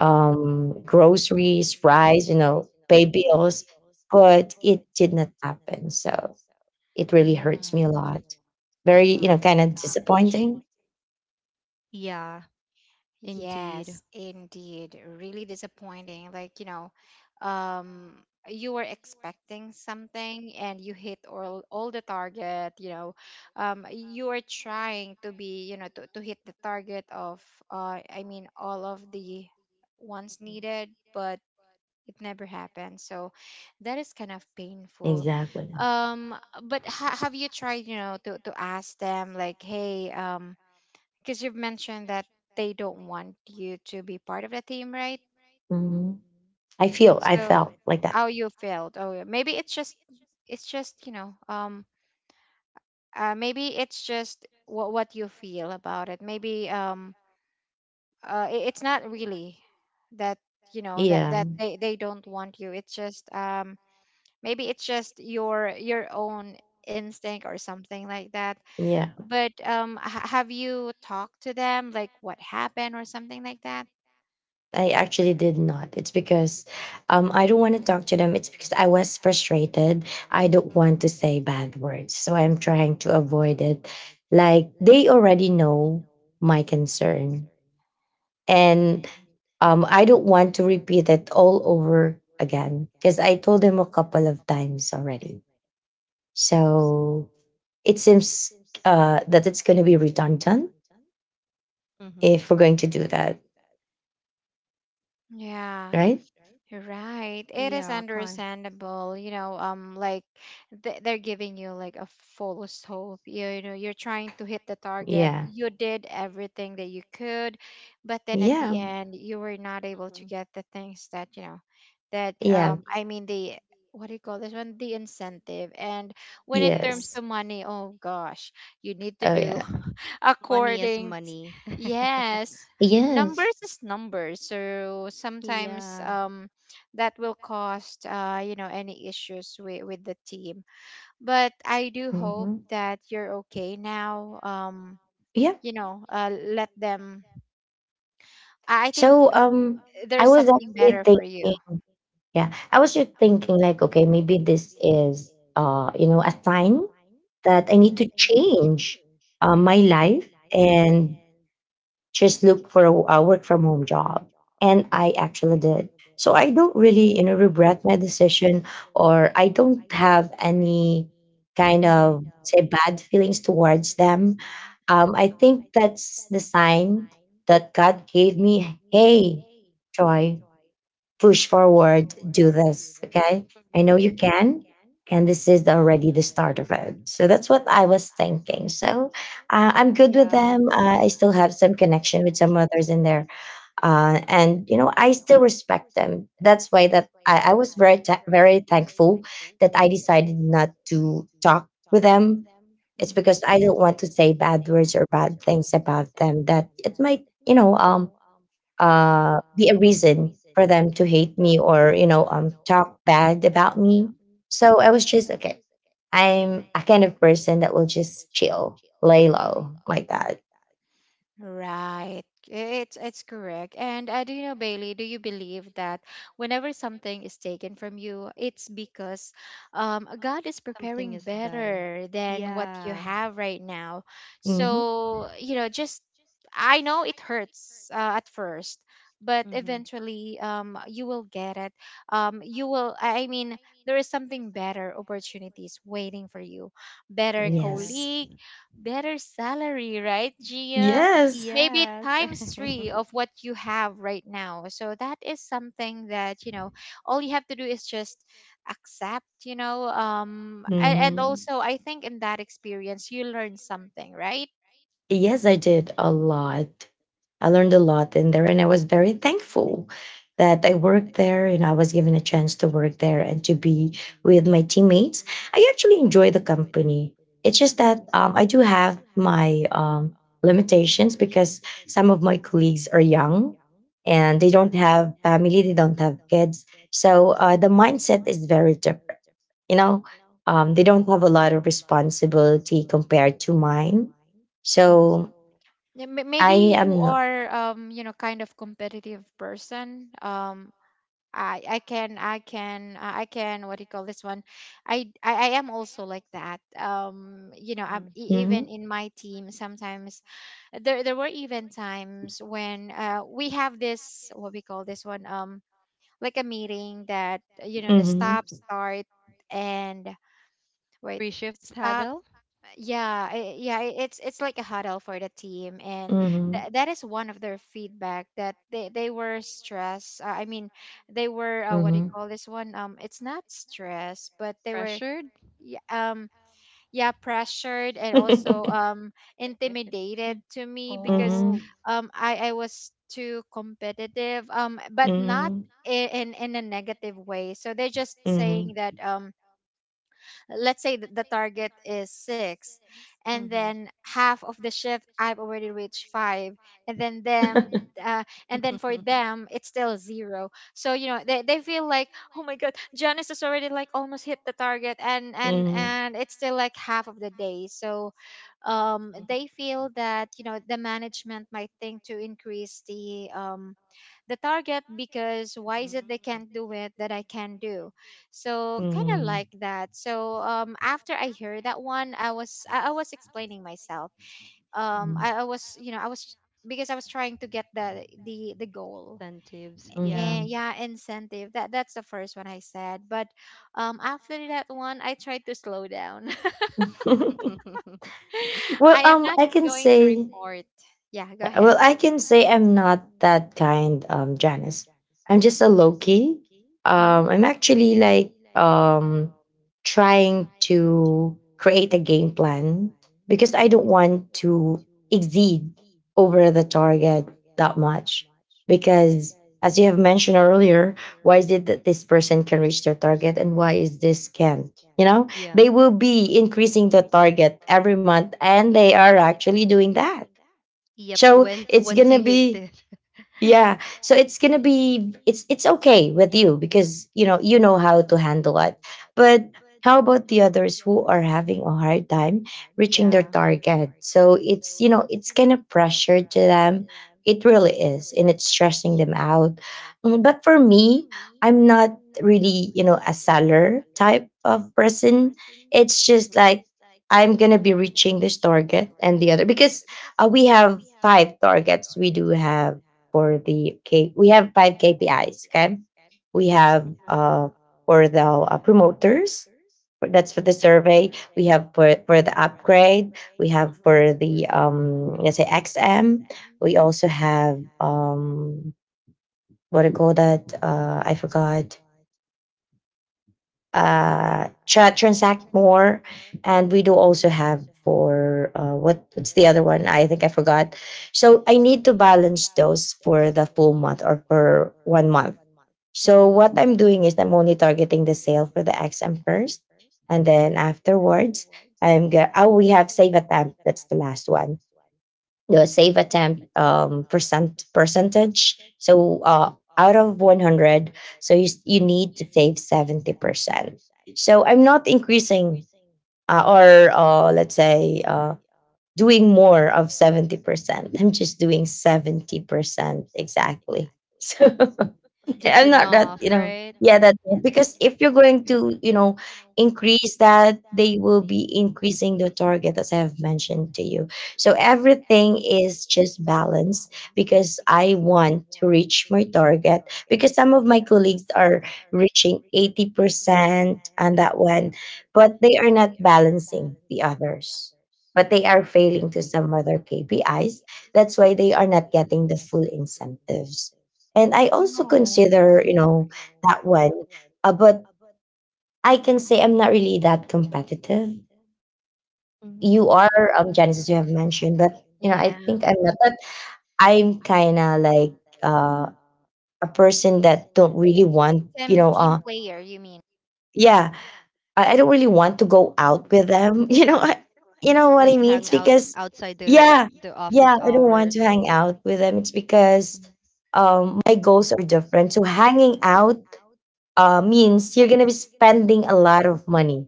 [SPEAKER 2] groceries, fries, you know, pay bills, but it did not happen. So it really hurts me a lot. Very,
[SPEAKER 1] Oh
[SPEAKER 2] you know, kind
[SPEAKER 1] my
[SPEAKER 2] of
[SPEAKER 1] gosh.
[SPEAKER 2] disappointing.
[SPEAKER 3] Yeah,
[SPEAKER 1] Yes,
[SPEAKER 3] indeed.
[SPEAKER 1] indeed. Really disappointing. Like, you know, you were expecting something and you hit all the target, you know. You are trying to be, you know, to hit the target of I mean all of the ones needed, but it never happened. So that is kind of painful.
[SPEAKER 2] Exactly.
[SPEAKER 1] Um, but ha have you tried, you know, to ask them like, hey, because you've mentioned that they don't want you to be part of the team, right?
[SPEAKER 2] hmm I
[SPEAKER 1] So
[SPEAKER 2] felt like that.
[SPEAKER 1] how you felt? Oh, yeah, maybe it's just, you know maybe it's just what you feel about it. Maybe it's not really that, you know,
[SPEAKER 2] Yeah.
[SPEAKER 1] that they don't want you. It's just maybe it's just your own instinct or something like that.
[SPEAKER 2] Yeah.
[SPEAKER 1] But have you talked to them like what happened or something like that?
[SPEAKER 2] I actually did not. It's because I don't want to talk to them. It's because I was frustrated. I don't want to say bad words. So I'm trying to avoid it. Like they already know my concern. And I don't want to repeat it all over again because I told them a couple of times already. So it seems that it's going to be redundant
[SPEAKER 3] Mm-hmm.
[SPEAKER 2] if we're going to do that,
[SPEAKER 1] Yeah.
[SPEAKER 2] right?
[SPEAKER 1] Right. It is
[SPEAKER 3] Yeah, kind.
[SPEAKER 1] understandable, you know, like they're giving you like a false hope. You know, you're trying to hit the target.
[SPEAKER 2] Yeah.
[SPEAKER 1] You did everything that you could, but then at the
[SPEAKER 2] Yeah.
[SPEAKER 1] end you were not able to get the things that, you know, that
[SPEAKER 2] Yeah.
[SPEAKER 1] I mean the what do you call this one? The incentive. And when it turns to
[SPEAKER 2] Yes.
[SPEAKER 1] money, oh gosh, you need to
[SPEAKER 2] Oh
[SPEAKER 1] do
[SPEAKER 2] yeah.
[SPEAKER 3] Money is
[SPEAKER 1] according t-
[SPEAKER 3] money.
[SPEAKER 1] yes,
[SPEAKER 2] Yes.
[SPEAKER 1] numbers is numbers. So sometimes
[SPEAKER 3] Yeah.
[SPEAKER 1] that will cost you know any issues with the team. But I do hope
[SPEAKER 2] hmm
[SPEAKER 1] that you're okay now.
[SPEAKER 2] Yeah.
[SPEAKER 1] You know, let them, I think
[SPEAKER 2] So I
[SPEAKER 1] there's
[SPEAKER 2] was
[SPEAKER 1] something
[SPEAKER 2] actually
[SPEAKER 1] better for you.
[SPEAKER 2] thinking. Yeah, I was just thinking like, okay, maybe this is you know, a sign that I need to
[SPEAKER 3] That.
[SPEAKER 2] change my life and just look for a work from home job. And I actually did. So I don't really, you know, regret my decision or I don't have any kind
[SPEAKER 3] Mm-hmm.
[SPEAKER 2] of say bad feelings towards them. I think that's the sign that God gave me, hey, Joy, push forward, do this. Okay. I know you can. And this is already the start of it. So that's what I was thinking. So I'm good with them. I still have some connection with some others in there. And, you know, I still respect them. That's why that I was very thankful that I decided not to talk with them. It's
[SPEAKER 3] There.
[SPEAKER 2] because I don't want to say bad words or bad things about them that it might, you know, be a reason for them to hate me or you know talk bad about me. So I was just okay. I'm a kind of person that will just chill, lay low like that.
[SPEAKER 1] Right. It's correct. And do you know, Bailey, do you believe that whenever something is taken from you, it's because God is preparing
[SPEAKER 3] Something is better.
[SPEAKER 1] better than what you
[SPEAKER 3] Yeah.
[SPEAKER 1] have right now.
[SPEAKER 2] hmm
[SPEAKER 1] So, you know, just I know it hurts at first, but
[SPEAKER 3] Mm-hmm.
[SPEAKER 1] eventually you will get it. You will, I mean, there is something better opportunities waiting for you, better
[SPEAKER 2] Yes.
[SPEAKER 3] Yes.
[SPEAKER 1] colleague, better salary, right, Gia?
[SPEAKER 2] Yes.
[SPEAKER 1] Maybe
[SPEAKER 3] Yes.
[SPEAKER 1] times three of what you have right now. So that is something that, you know, all you have to do is just accept, you know. And
[SPEAKER 2] Mhm.
[SPEAKER 1] also I think in that experience you learn something, right?
[SPEAKER 2] Yes, I did a lot. I learned a lot in there, and I was
[SPEAKER 3] Yeah.
[SPEAKER 2] very thankful that I worked there and I was given a chance to work there and to be with my teammates. I actually enjoy the company. It's just that I do have my limitations because some of my colleagues are young and they don't have family, they don't have kids. So the mindset is very different. You know, they don't have a lot of responsibility compared to mine so
[SPEAKER 1] Um yeah,
[SPEAKER 2] I
[SPEAKER 1] maybe you
[SPEAKER 2] am not.
[SPEAKER 1] are you know, kind of competitive person. I can what do you call this one? I am also like that. You know, I'm, even
[SPEAKER 2] Mhm.
[SPEAKER 1] in my team sometimes there were even times when we have this what we call this one like a meeting that you know the stop
[SPEAKER 2] Mhm.
[SPEAKER 1] start and wait
[SPEAKER 3] Free shift
[SPEAKER 1] stop
[SPEAKER 3] huddle.
[SPEAKER 1] yeah it's like a huddle for the team. And
[SPEAKER 2] Mhm.
[SPEAKER 1] that is one of their feedback that they were stressed I mean, they were what do you
[SPEAKER 2] Mhm.
[SPEAKER 1] call this one, it's not stress but they were
[SPEAKER 3] Pressured.
[SPEAKER 1] yeah, yeah pressured, and also intimidated to me because
[SPEAKER 2] Mhm.
[SPEAKER 3] Oh.
[SPEAKER 1] I was too competitive, but not
[SPEAKER 2] Mhm.
[SPEAKER 1] in in a negative way. So they're just saying
[SPEAKER 2] Mhm.
[SPEAKER 1] that let's say the target is six and then half of the shift I've already reached five, and then them, uh, and then for
[SPEAKER 3] Mm-hmm.
[SPEAKER 1] them it's still zero. So you know they feel like, oh my god, Janice has already like almost hit the target, and and
[SPEAKER 2] Mhm.
[SPEAKER 1] and it's still like half of the day. So they feel that you know the management might think to increase the target, because why is it they
[SPEAKER 3] Mm.
[SPEAKER 1] can't do it that I can do?
[SPEAKER 3] Not.
[SPEAKER 1] So kind of
[SPEAKER 2] Mhm.
[SPEAKER 1] like that. So after I heard that one, I was explaining myself.
[SPEAKER 2] Mhm.
[SPEAKER 1] I was you know I was, because I was trying to get the goal
[SPEAKER 3] Incentives. Yeah.
[SPEAKER 1] and
[SPEAKER 2] Mhm.
[SPEAKER 1] yeah incentive. That that's the first one I said. But after that one, I tried to slow down.
[SPEAKER 3] Mm. Hmm.
[SPEAKER 2] well,
[SPEAKER 1] I am not
[SPEAKER 2] I can
[SPEAKER 1] going to
[SPEAKER 2] say
[SPEAKER 1] report. Yeah, go
[SPEAKER 2] Yeah, well,
[SPEAKER 1] ahead.
[SPEAKER 2] I can say I'm not that kind, Janice. I'm just a low key.
[SPEAKER 1] Hmm?
[SPEAKER 2] I'm actually like trying to create a game plan because I don't
[SPEAKER 3] Mhm.
[SPEAKER 2] want to
[SPEAKER 3] To. You.
[SPEAKER 2] exceed over the target that much. Because as you have mentioned earlier, why is it that this person can reach their target and why is this can't? You know,
[SPEAKER 3] Yeah.
[SPEAKER 2] they will be increasing the target every month and they are actually doing that
[SPEAKER 3] To. Yep.
[SPEAKER 2] so
[SPEAKER 3] When
[SPEAKER 2] it's
[SPEAKER 3] once
[SPEAKER 2] gonna
[SPEAKER 3] you hit
[SPEAKER 2] be
[SPEAKER 3] it,
[SPEAKER 2] yeah. So it's gonna be it's okay with you because you know how to handle it. But how about the others who are having a hard time reaching their
[SPEAKER 3] yeah,
[SPEAKER 2] target? So it's you know, it's kind of pressure to them. It really is, and it's stressing them out. Mm, but for me, I'm not really, you know, a seller type of person. It's just like I'm gonna be reaching this target and the other because we have five targets. We do have for the K. We have five KPIs. Okay, we have for the promoters. That's for the survey. We have for the upgrade. We have for the let's say XM. We also have what do you call that? I forgot. Transact more, and we do also have for what's the other one? I think I forgot. So I need to balance those for the full month or for one month. So what I'm doing is I'm only targeting the sale for the XM first, and then afterwards oh we have save attempt that's the last one the save attempt percent percentage. So out of 100, so you need to save 70%. So I'm not increasing or let's say doing more of 70%. I'm just doing 70% exactly. So
[SPEAKER 3] just.
[SPEAKER 2] I'm
[SPEAKER 3] And I'm
[SPEAKER 2] not that,
[SPEAKER 3] enough,
[SPEAKER 2] you
[SPEAKER 3] not
[SPEAKER 2] know,
[SPEAKER 3] right right?
[SPEAKER 2] yeah,
[SPEAKER 3] Now.
[SPEAKER 2] that because if you're going to, you know, increase that, they will be increasing the target as I have mentioned to you. So everything is just balance because I want to reach my target because some of my colleagues are reaching 80% and that one, but they are not balancing the others. But they are failing to some other KPIs. That's why they are not getting the full incentives and I also
[SPEAKER 1] Oh.
[SPEAKER 2] consider, you know, that one. But I can say I'm not really that competitive. You are, Janice, as you have mentioned, but you know,
[SPEAKER 1] Yeah,
[SPEAKER 2] I think I'm not. That. I'm kind of like uh, a person that don't really want, you
[SPEAKER 1] team
[SPEAKER 2] know,
[SPEAKER 1] team player, you mean?
[SPEAKER 2] yeah, I don't really want to go out with them. You know, I, you know what
[SPEAKER 3] Like
[SPEAKER 2] I mean.
[SPEAKER 3] hang
[SPEAKER 2] It's
[SPEAKER 3] out
[SPEAKER 2] because,
[SPEAKER 3] outside because
[SPEAKER 2] yeah,
[SPEAKER 3] the, yeah, the
[SPEAKER 2] yeah,
[SPEAKER 3] office
[SPEAKER 2] I don't want to
[SPEAKER 3] hours.
[SPEAKER 2] hang out with them. It's because
[SPEAKER 3] Mhm.
[SPEAKER 2] my goals are different. So hanging out means you're gonna be spending a lot of money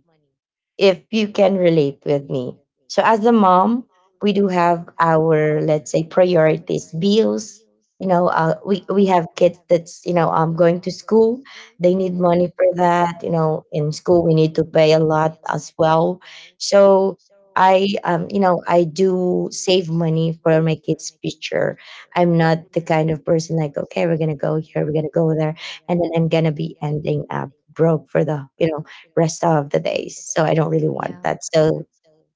[SPEAKER 2] if you can relate with me. So as a mom, we do have our let's say priorities, bills. You know, we have kids that's you know going to school. They need money for that. You know, in school we need to pay a lot as well. So I you know I do save money for my kids' future. I'm not the kind of person like okay we're gonna go here we're gonna go there and then I'm gonna be ending up broke for the you know rest of the days. So I don't really want that. So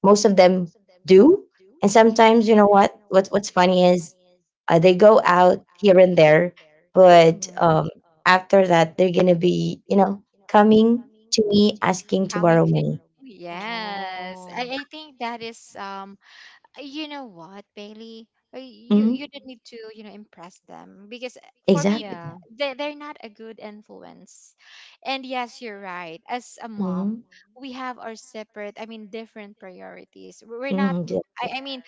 [SPEAKER 2] most of them do. And sometimes, you know what? What's funny is they go out here and there, but after that, they're gonna be, you know, coming to me asking to
[SPEAKER 1] Coming
[SPEAKER 2] borrow
[SPEAKER 1] to you.
[SPEAKER 2] money.
[SPEAKER 1] Yes.
[SPEAKER 3] Oh.
[SPEAKER 1] I think that is you know what, Bailey? You
[SPEAKER 2] hmm
[SPEAKER 1] you don't need to, you know, impress them, because for me
[SPEAKER 2] Exactly.
[SPEAKER 1] they they're not a good influence. And yes, you're right. As a mom,
[SPEAKER 2] hmm
[SPEAKER 1] we have our separate, I mean, different priorities. We're not
[SPEAKER 2] hmm
[SPEAKER 1] I mean,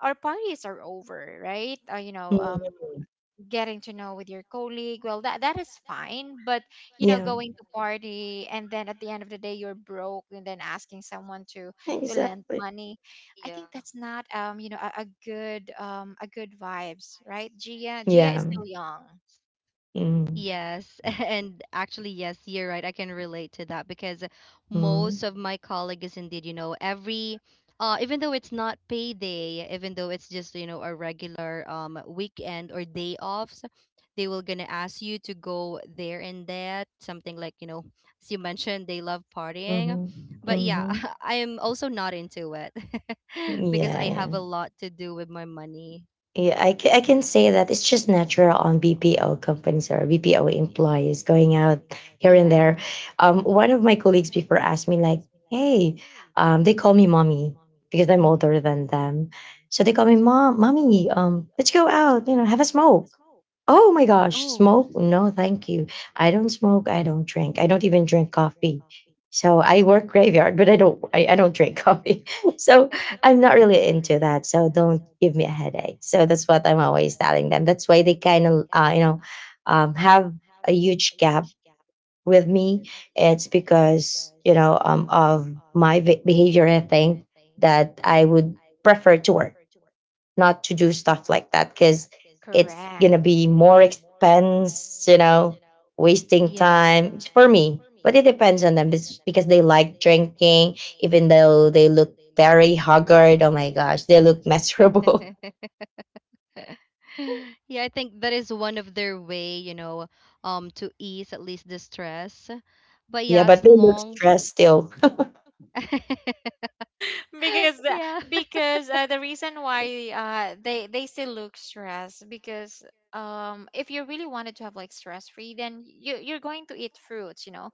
[SPEAKER 1] our parties are over, right? You know,
[SPEAKER 2] hmm
[SPEAKER 1] getting to know with your colleague well, that that is fine. But you know,
[SPEAKER 2] Yeah.
[SPEAKER 1] going to party and then at the end of the day you're broke and then asking someone to lend
[SPEAKER 2] Exactly.
[SPEAKER 1] money, I think that's not you know a good vibes, right, Gia? Gia is
[SPEAKER 2] Yeah.
[SPEAKER 1] still young.
[SPEAKER 2] hmm
[SPEAKER 3] Yes, and actually, yes, you're right. I can relate to that. Because most
[SPEAKER 2] hmm
[SPEAKER 3] of my colleagues, indeed, you know, even though it's not payday, even though it's just, you know, a regular weekend or day offs, they will gonna ask you to go there and that, something like, you know, as you mentioned, they love partying.
[SPEAKER 2] hmm
[SPEAKER 3] But yeah,
[SPEAKER 2] hmm
[SPEAKER 3] I am also not into it because
[SPEAKER 2] Yeah.
[SPEAKER 3] I
[SPEAKER 2] Yeah.
[SPEAKER 3] have a lot to do with my money.
[SPEAKER 2] I can say that it's just natural on BPO companies or BPO employees going out here and there.
[SPEAKER 3] Yeah.
[SPEAKER 2] One of my colleagues before asked me like, "Hey, they call me mommy because I'm older than
[SPEAKER 3] Mm-hmm.
[SPEAKER 2] them, so they call me mom, mommy. Let's go out, you know, have a smoke." Oh my gosh,
[SPEAKER 3] Oh.
[SPEAKER 2] smoke? No, thank you. I don't smoke. I don't drink. I don't even drink coffee. So I work graveyard, but I don't drink coffee. So I'm not really into that, so don't give me a headache. So that's what I'm always telling them. That's why they kind of, you know, have a huge gap with me. It's because you know of my behavior. I think that I would prefer to work not to do stuff like that because it's
[SPEAKER 1] Correct.
[SPEAKER 2] gonna be more expense, you know, wasting
[SPEAKER 3] Yeah.
[SPEAKER 2] time for me. But it depends on them it's because they like drinking, even though they look very haggard. Oh my gosh, they look miserable.
[SPEAKER 3] Time. Yeah, I think that is one of their way, you know, to ease at least the stress. But
[SPEAKER 2] Yeah,
[SPEAKER 3] yeah,
[SPEAKER 2] but
[SPEAKER 3] as
[SPEAKER 2] they look
[SPEAKER 3] long,
[SPEAKER 2] stressed still.
[SPEAKER 1] Because the,
[SPEAKER 3] yeah,
[SPEAKER 1] because the reason why they still look stressed, because if you really wanted to have like stress free, then you you're going to eat fruits. You know,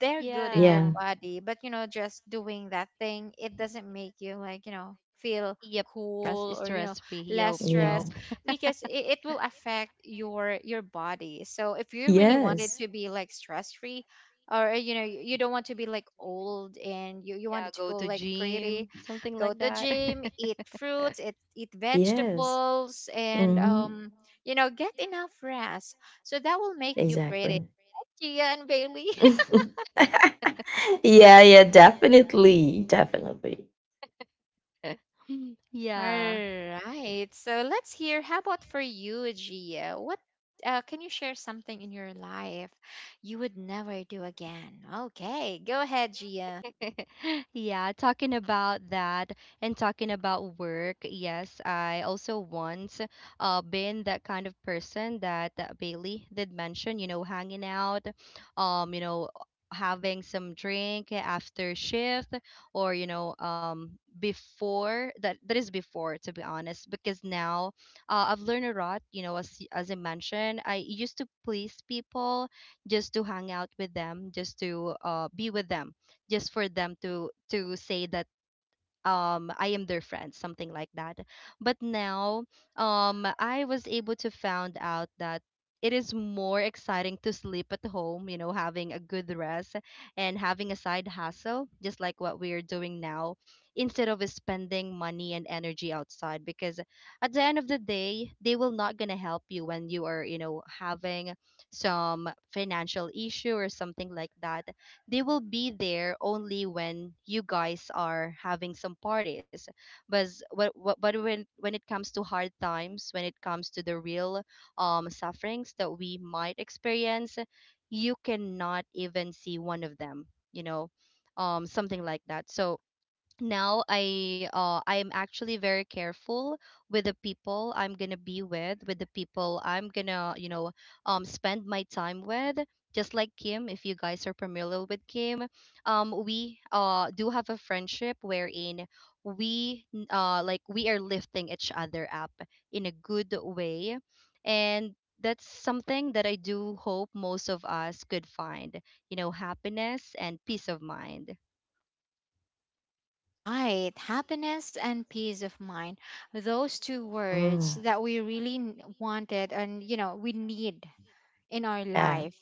[SPEAKER 1] they're good in your
[SPEAKER 2] yeah,
[SPEAKER 3] yeah,
[SPEAKER 1] body. But you know, just doing that thing, it doesn't make you like, you know, feel
[SPEAKER 3] yep, stress
[SPEAKER 1] cool,
[SPEAKER 3] is
[SPEAKER 1] or you know,
[SPEAKER 3] stress free.
[SPEAKER 1] less
[SPEAKER 3] Yep,
[SPEAKER 2] yeah,
[SPEAKER 1] stress,
[SPEAKER 3] nope.
[SPEAKER 1] because it will affect your body. So if you really wanted
[SPEAKER 2] yes,
[SPEAKER 1] to be like stress free, or you know, you don't want to be like old, and you
[SPEAKER 3] Yeah,
[SPEAKER 1] wanted to
[SPEAKER 3] go
[SPEAKER 1] go
[SPEAKER 3] to
[SPEAKER 1] like
[SPEAKER 3] gym,
[SPEAKER 1] pretty,
[SPEAKER 3] something
[SPEAKER 1] go
[SPEAKER 3] like
[SPEAKER 1] to
[SPEAKER 3] that.
[SPEAKER 1] gym, eat fruits, eat, eat
[SPEAKER 2] yes,
[SPEAKER 1] vegetables, and
[SPEAKER 2] hmm
[SPEAKER 1] you know, get enough rest. So that will make you pretty,
[SPEAKER 2] exactly.
[SPEAKER 1] Gia and Bailey.
[SPEAKER 2] yeah, definitely, definitely.
[SPEAKER 1] All
[SPEAKER 3] Yeah.
[SPEAKER 1] right. So let's hear, how about for you, Gia? What can you share something in your life you would never do again? Okay, go ahead, Gia.
[SPEAKER 3] Yeah, talking about that and talking about work. Yes, I also once been that kind of person that, that Bailey did mention, you know, hanging out, um, you know, having some drink after shift, or before that. That is before, to be honest, because now I've learned a lot, you know, as I mentioned, I used to please people just to hang out with them, just to, be with them, just for them to say that I am their friend, something like that. But now I was able to found out that it is more exciting to sleep at home, you know, having a good rest and having a side hustle, just like what we are doing now, instead of spending money and energy outside. Because at the end of the day, they will not gonna help you when you are, you know, having some financial issue or something like that. They will be there only when you guys are having some parties. But but when it comes to hard times, when it comes to the real sufferings that we might experience, you cannot even see one of them. You know, something like that. So now I'm actually very careful with the people I'm gonna be with the people I'm gonna, you know, spend my time with. Just like Kim, if you guys are familiar with Kim, we do have a friendship wherein like we are lifting each other up in a good way. And that's something that I do hope most of us could find, you know, happiness and peace of mind.
[SPEAKER 1] Right. Happiness and peace of mind. Those two words
[SPEAKER 2] Mm,
[SPEAKER 1] that we really wanted, and, you know, we need in our
[SPEAKER 2] yeah,
[SPEAKER 1] life.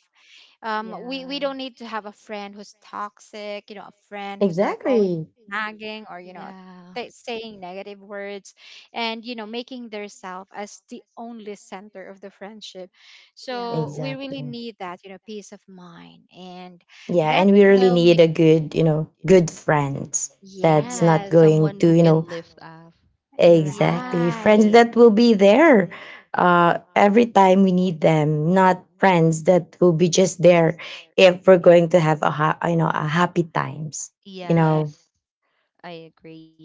[SPEAKER 1] We
[SPEAKER 3] Yeah.
[SPEAKER 1] don't need to have a friend who's toxic, you know, a friend who's like always
[SPEAKER 2] exactly.
[SPEAKER 1] nagging, or, you know,
[SPEAKER 3] Yeah.
[SPEAKER 1] saying negative words, and, you know, making their self as the only center of the friendship. So we really
[SPEAKER 2] Exactly.
[SPEAKER 1] need that, you know, peace of mind. And
[SPEAKER 2] Yeah,
[SPEAKER 1] that
[SPEAKER 2] and we really
[SPEAKER 1] will make,
[SPEAKER 2] need a
[SPEAKER 3] Are.
[SPEAKER 2] good, you know, good friends that's
[SPEAKER 3] Yep.
[SPEAKER 2] not
[SPEAKER 1] yes.
[SPEAKER 2] going to, you know,
[SPEAKER 3] Up.
[SPEAKER 1] You're
[SPEAKER 2] exactly friends
[SPEAKER 1] right.
[SPEAKER 2] that will be there every time we need them, not friends that will be just there if we're going to have you know, a happy times. You
[SPEAKER 1] Yeah.
[SPEAKER 2] know,
[SPEAKER 3] I agree. Yep,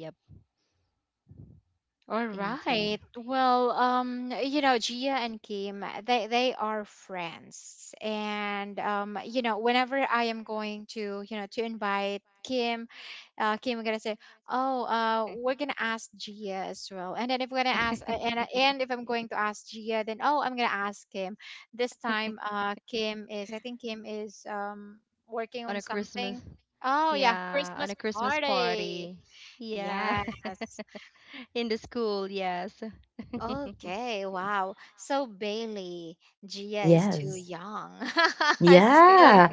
[SPEAKER 1] All
[SPEAKER 3] or.
[SPEAKER 1] right. Well, you know, Gia and Kim, they are friends. And you know, whenever I am going to, you know, to invite Kim, Kim, we're gonna say, oh, we're gonna ask Gia as well. And then if we're gonna
[SPEAKER 3] When
[SPEAKER 1] ask,
[SPEAKER 3] I
[SPEAKER 1] and if I'm
[SPEAKER 3] ask.
[SPEAKER 1] going to ask Gia, then oh, I'm gonna ask Kim. This time, Kim is, I think Kim is working on something. Oh yeah, Christmas party. Yes.
[SPEAKER 3] In the school, yes.
[SPEAKER 1] Okay. Wow. So Bailey, Gia is too
[SPEAKER 2] yes.
[SPEAKER 1] young. Still
[SPEAKER 2] Yeah.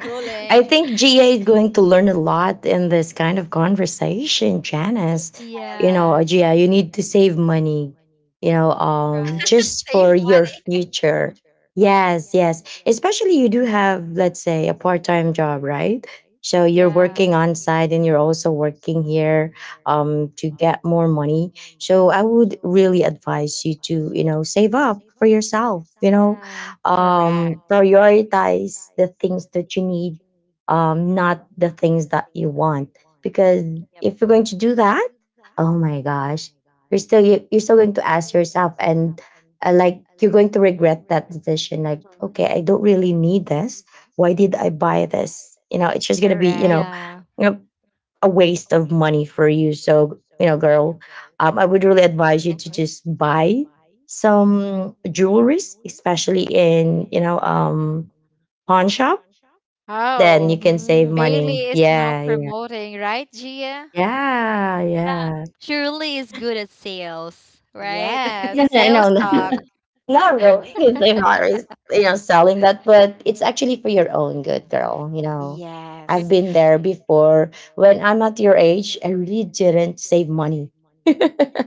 [SPEAKER 2] I
[SPEAKER 1] schooling.
[SPEAKER 2] think GA is going to learn a lot in this kind of conversation, Janice. You
[SPEAKER 1] Yes.
[SPEAKER 2] know,
[SPEAKER 3] Yes.
[SPEAKER 2] GA, you need to save money, you know, just
[SPEAKER 1] Save
[SPEAKER 2] for your
[SPEAKER 1] money.
[SPEAKER 2] future. Yes, yes. Especially you do have, let's say, a part-time job, right? So you're working
[SPEAKER 3] So
[SPEAKER 2] on site and you're also working here to get more money. So I would really advise you to, you know, save up for yourself, you know,
[SPEAKER 3] know,
[SPEAKER 1] Correct.
[SPEAKER 2] prioritize the things that you need, not the things that you want. Because if you're going to do that, oh my gosh, you're still you're still going to ask yourself, and like you're going to regret that decision. Like, okay, I don't really need this. Why did I buy this? It's just gonna be
[SPEAKER 1] Correct.
[SPEAKER 2] a waste of money for you. So, girl, I would really advise you to just
[SPEAKER 3] that.
[SPEAKER 2] buy some jewelries, especially in, pawn shop.
[SPEAKER 3] So
[SPEAKER 2] Then you
[SPEAKER 3] that.
[SPEAKER 1] Oh,
[SPEAKER 2] can save money.
[SPEAKER 1] Bailey
[SPEAKER 3] Mm-hmm.
[SPEAKER 1] is now
[SPEAKER 2] Yeah, yeah.
[SPEAKER 1] promoting, right, Gia?
[SPEAKER 2] Yeah,
[SPEAKER 3] Yeah. Money.
[SPEAKER 2] yeah.
[SPEAKER 3] Shirley is good at sales, right?
[SPEAKER 1] Yes.
[SPEAKER 2] No, no, no,
[SPEAKER 1] Sales
[SPEAKER 2] no.
[SPEAKER 1] talk.
[SPEAKER 2] Not really. If they are, selling that, but it's actually for your own good, girl. You know, I've
[SPEAKER 1] Yes.
[SPEAKER 3] Before.
[SPEAKER 2] been there before. When I'm at your age, I really didn't save money, so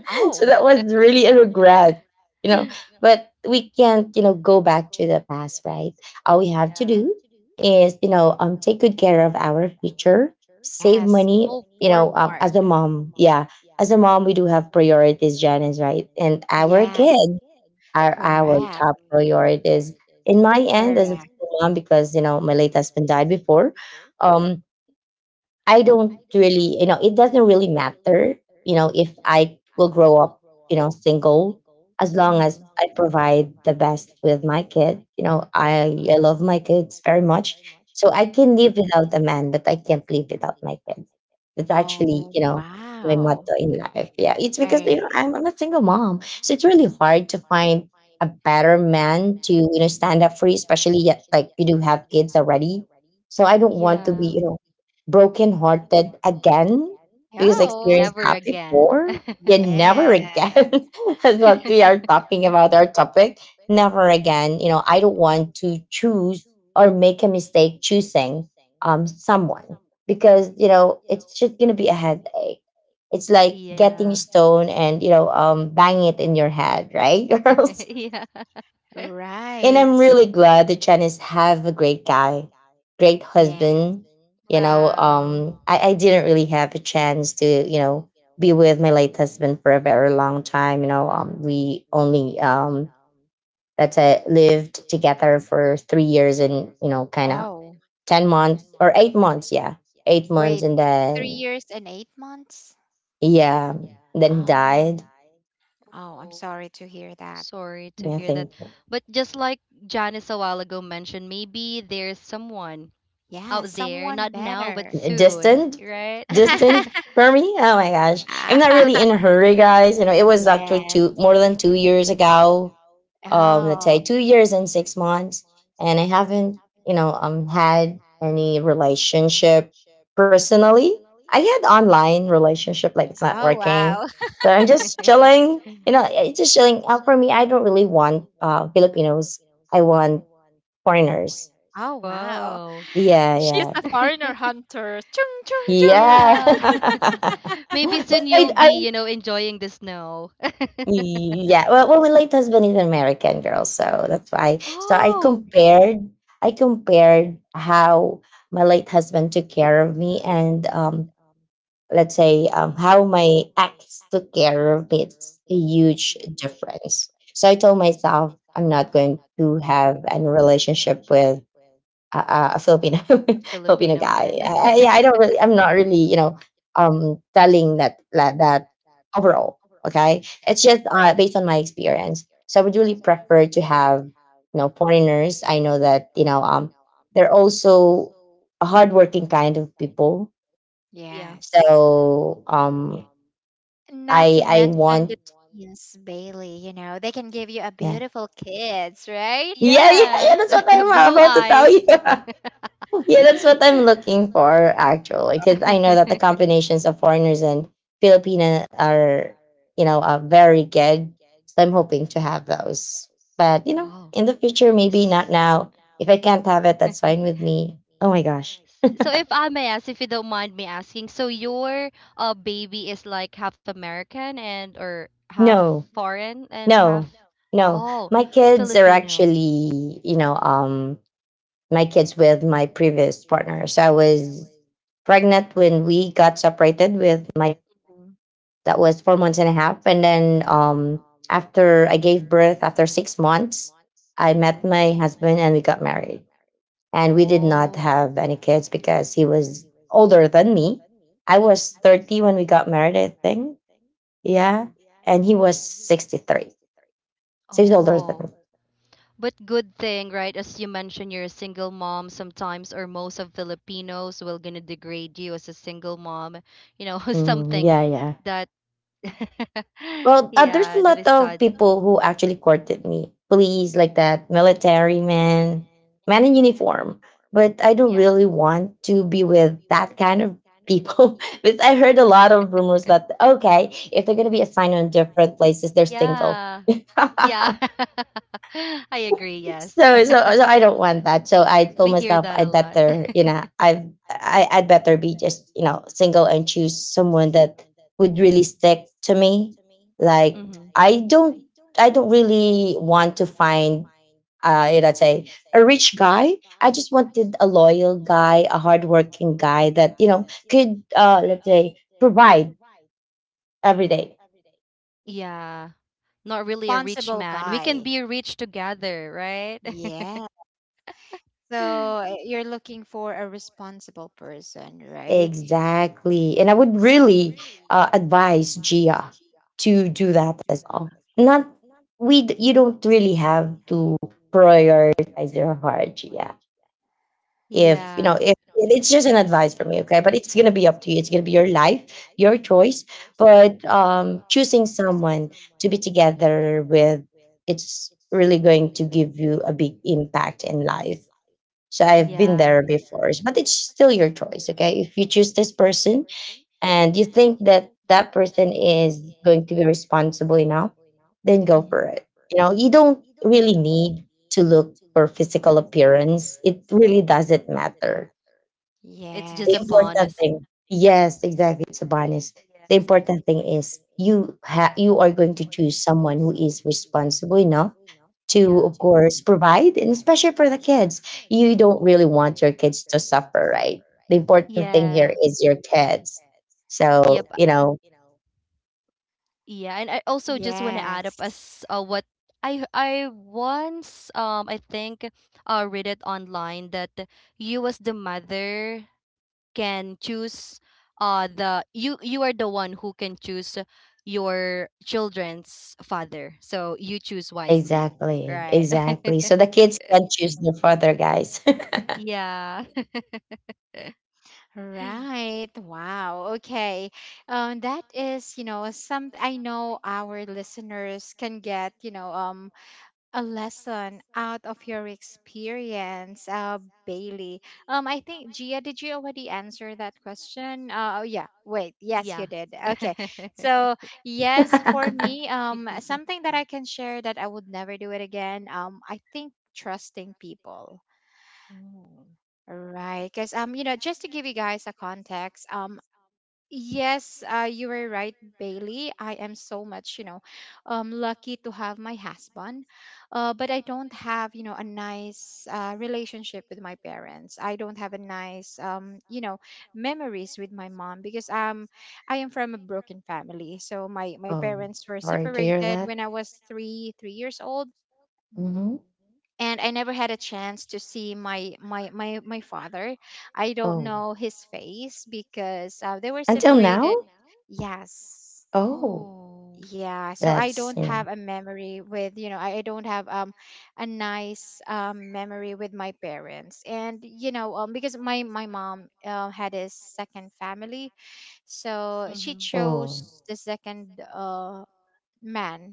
[SPEAKER 1] Oh,
[SPEAKER 2] that was really a regret. You know, but we can't, go back to the past, right? All we have to do is, take good care of our future, save
[SPEAKER 1] yes.
[SPEAKER 2] money.
[SPEAKER 1] Move forward.
[SPEAKER 2] As a mom, yeah, as a mom, we do have priorities, Janice, right? And our
[SPEAKER 1] Yes.
[SPEAKER 2] kids are our
[SPEAKER 1] Correct.
[SPEAKER 2] top priorities. In my end, as a
[SPEAKER 1] Correct.
[SPEAKER 2] single mom, because you know my late husband died before, um, I don't really, It doesn't really matter, if I will grow up, single, as long as I provide the best with my kid. You know, I love my kids very much. So I can live without a man, but I can't live without my kids. That's actually,
[SPEAKER 1] Oh,
[SPEAKER 2] my
[SPEAKER 1] wow.
[SPEAKER 2] motto in life. Yeah. It's because, you
[SPEAKER 1] I,
[SPEAKER 2] know, I'm, I'm a single mom. So it's really hard to find a better man to, stand up for you, especially yet, like you do have kids already. So I don't want to be, broken hearted again because I
[SPEAKER 1] oh,
[SPEAKER 2] experienced that before. Yeah, never
[SPEAKER 1] yeah,
[SPEAKER 2] again. That's what we are talking about, our topic. Never again. You know, I don't want to choose or make a mistake choosing someone because, it's just gonna be a headache. It's like getting a
[SPEAKER 3] Yeah.
[SPEAKER 2] stone and, banging it in your head, right, girls?
[SPEAKER 3] Yeah. So.
[SPEAKER 2] And
[SPEAKER 1] right.
[SPEAKER 2] I'm really glad the Chinese have a great guy, great
[SPEAKER 1] Yes.
[SPEAKER 2] husband. You know,
[SPEAKER 3] Wow.
[SPEAKER 2] um, I, I didn't really have a chance to, be with my late husband for a very long time. We only, let's lived together for 3 years and, kind of
[SPEAKER 1] Oh,
[SPEAKER 2] 10 months or 8 months. Yeah. Eight
[SPEAKER 1] wait,
[SPEAKER 2] months. And
[SPEAKER 1] three
[SPEAKER 2] then,
[SPEAKER 1] years and 8 months?
[SPEAKER 2] yeah, then he
[SPEAKER 1] Oh,
[SPEAKER 2] died.
[SPEAKER 1] oh, I'm
[SPEAKER 3] Oh,
[SPEAKER 1] sorry to hear that.
[SPEAKER 3] sorry to
[SPEAKER 2] I
[SPEAKER 3] hear that.
[SPEAKER 2] think.
[SPEAKER 3] But just like Janice a while ago mentioned, maybe there's someone
[SPEAKER 1] Yeah,
[SPEAKER 3] out there,
[SPEAKER 1] someone
[SPEAKER 3] not now, but
[SPEAKER 1] better.
[SPEAKER 3] soon,
[SPEAKER 2] distant
[SPEAKER 3] right?
[SPEAKER 2] distant for me. Oh my gosh, I'm not really in a hurry, guys. You know, it was actually two
[SPEAKER 1] Yes.
[SPEAKER 2] more than 2 years ago. Let's say
[SPEAKER 1] Oh,
[SPEAKER 2] 2 years and 6 months, and I haven't, had any relationship personally. I had online relationship, like it's not
[SPEAKER 1] oh,
[SPEAKER 2] working.
[SPEAKER 1] wow.
[SPEAKER 2] So I'm just chilling, you know, it's just chilling. For me, I don't really want Filipinos, I want foreigners.
[SPEAKER 1] Oh, wow.
[SPEAKER 3] Wow. Wow.
[SPEAKER 2] Yeah,
[SPEAKER 1] She's
[SPEAKER 2] yeah.
[SPEAKER 1] a foreigner hunter. Chung, chung,
[SPEAKER 2] Yeah.
[SPEAKER 1] chung.
[SPEAKER 3] Yeah. Maybe soon
[SPEAKER 2] but
[SPEAKER 3] you'll
[SPEAKER 2] I, I,
[SPEAKER 3] be, you know, enjoying the snow.
[SPEAKER 2] yeah. Well, my late husband is an American girl, so that's why. So
[SPEAKER 3] Oh.
[SPEAKER 2] I compared how my late husband took care of me, and let's say how my ex took care of me. It's a huge difference. So I told myself I'm not going to have any relationship with a Filipino Filipino
[SPEAKER 3] Filipino
[SPEAKER 2] guy.
[SPEAKER 3] again.
[SPEAKER 2] Yeah, I don't really. I'm not really, telling that overall. Okay, it's just based on my experience. So I would really prefer to have, foreigners. I know that they're also a hardworking kind of people.
[SPEAKER 3] Yeah.
[SPEAKER 1] Yes.
[SPEAKER 2] So um,
[SPEAKER 1] Not to
[SPEAKER 2] I I
[SPEAKER 1] mention the
[SPEAKER 2] want,
[SPEAKER 1] teens, Bailey, you know, they can give you a
[SPEAKER 2] yeah,
[SPEAKER 1] beautiful kids, right?
[SPEAKER 2] yeah, yeah,
[SPEAKER 3] Yes.
[SPEAKER 2] yeah. That's what I'm
[SPEAKER 3] Blue
[SPEAKER 2] about to tell
[SPEAKER 3] eyes.
[SPEAKER 2] you. Yeah, that's what I'm looking for actually, because I know that the combinations of foreigners and Filipina are, very good. So I'm hoping to have those. But you know,
[SPEAKER 3] Oh.
[SPEAKER 2] in the future, maybe not
[SPEAKER 3] S-.
[SPEAKER 2] now. If I can't have it, that's fine with me. Oh my gosh,
[SPEAKER 3] So if I may ask, if you don't mind me asking, so your baby is like half American, and or half
[SPEAKER 2] no,
[SPEAKER 3] foreign and half.
[SPEAKER 2] no, no.
[SPEAKER 3] Oh.
[SPEAKER 2] My kids are
[SPEAKER 3] Filipino.
[SPEAKER 2] actually, my kids with my previous partner. So I was pregnant when we got separated with my, that was 4 months and a half, and then after I gave birth, after 6 months, I met my husband and we got married, and we did not
[SPEAKER 3] Oh.
[SPEAKER 2] have any kids because he was older than me. I was 30 when we got married, I think. Yeah. And he was 63, so he's older than
[SPEAKER 3] Oh.
[SPEAKER 2] me.
[SPEAKER 3] But good thing, right? As you mentioned, you're a single mom. Sometimes, or most of Filipinos will gonna degrade you as a single mom. You know,
[SPEAKER 2] Mm,
[SPEAKER 3] something
[SPEAKER 2] yeah, yeah.
[SPEAKER 3] that,
[SPEAKER 2] Well, there's
[SPEAKER 3] yeah,
[SPEAKER 2] a
[SPEAKER 3] that is
[SPEAKER 2] lot of
[SPEAKER 3] sad.
[SPEAKER 2] people who actually courted me. Police like that, military men, men in uniform. But I don't
[SPEAKER 3] Yeah,
[SPEAKER 2] really want to be with that kind of people. because I heard a lot of rumors that okay, if they're gonna be assigned on different places, they're single.
[SPEAKER 3] yeah, yeah. I agree. Yes,
[SPEAKER 2] So I don't want that. So I told
[SPEAKER 3] we hear
[SPEAKER 2] myself
[SPEAKER 3] that
[SPEAKER 2] I
[SPEAKER 3] a lot.
[SPEAKER 2] better, I'd better be just, single and choose someone that would really stick to me. Like
[SPEAKER 3] Hmm.
[SPEAKER 2] I don't I don't really want to find say a rich guy. I just wanted a loyal guy, a hardworking guy that, could let's say provide every day.
[SPEAKER 3] Yeah, not really a rich
[SPEAKER 1] Responsible
[SPEAKER 3] man. We can
[SPEAKER 1] guy.
[SPEAKER 3] be rich together, right?
[SPEAKER 1] Yeah. So you're looking for a responsible person, right?
[SPEAKER 2] Exactly. And I would really advise Gia to do that as well. Not you don't really have to prioritize your heart, Gia. If you know,
[SPEAKER 3] Yeah.
[SPEAKER 2] if it's just an advice for me, okay? But it's gonna be up to you. It's gonna be your life, your choice. But choosing someone to be together with, it's really going to give you a big impact in life. So I've been there before, but it's still your choice, okay? If you choose this person, and you think that that person is going to be responsible enough, then go for
[SPEAKER 3] Hmm.
[SPEAKER 2] it. You know, you don't really
[SPEAKER 3] Yeah.
[SPEAKER 2] need to look for physical appearance. It really doesn't matter.
[SPEAKER 3] It's just
[SPEAKER 2] The
[SPEAKER 3] a
[SPEAKER 1] Yes.
[SPEAKER 2] important
[SPEAKER 3] bonus.
[SPEAKER 2] thing, yes, exactly, it's a bonus. The important thing is you are going to choose someone who is responsible enough to, of
[SPEAKER 3] Yes.
[SPEAKER 2] course, provide, and especially for the kids. You don't really want your kids to suffer, right? The important thing here is your kids. So, you know,
[SPEAKER 3] Yeah, and I also just want to add up
[SPEAKER 1] Yes.
[SPEAKER 3] as, what I, once, I think read it online that you as the mother can choose, the, you are the one who can choose your children's father, so you choose wisely,
[SPEAKER 2] exactly,
[SPEAKER 3] right?
[SPEAKER 2] exactly. So the kids can choose their father, guys.
[SPEAKER 3] Yeah.
[SPEAKER 1] Right. Wow. Okay. That is, you know, some I know our listeners can get, you know, a lesson out of your experience, Bailey? I think Gia, did you already answer that question? Oh, yeah. Wait, yes, you
[SPEAKER 3] Yeah.
[SPEAKER 1] did. Okay, so yes, for me, something that I can share that I would never do it again. I think trusting people. Right, because you know, just to give you guys a context, yes, you were right, Bailey. I am so much, you know, lucky to have my husband. But I don't have, you know, a nice relationship with my parents. I don't have a nice, you know, memories with my mom, because I am from a broken family. So my
[SPEAKER 2] Oh,
[SPEAKER 1] parents were
[SPEAKER 2] sorry to hear
[SPEAKER 1] separated
[SPEAKER 2] that.
[SPEAKER 1] when I was three years old,
[SPEAKER 2] Hmm.
[SPEAKER 1] and I never had a chance to see my father. I don't
[SPEAKER 2] Oh,
[SPEAKER 1] know his face because they were
[SPEAKER 2] until
[SPEAKER 1] separated.
[SPEAKER 2] now?
[SPEAKER 1] Yes.
[SPEAKER 2] Oh,
[SPEAKER 3] Oh.
[SPEAKER 1] Yeah, so I
[SPEAKER 2] that's,
[SPEAKER 1] don't
[SPEAKER 2] you know,
[SPEAKER 1] have a memory with, you know, I don't have a nice memory with my parents. And you know, because my mom had a second family, so she
[SPEAKER 3] Mm-hmm.
[SPEAKER 2] oh,
[SPEAKER 1] chose the second man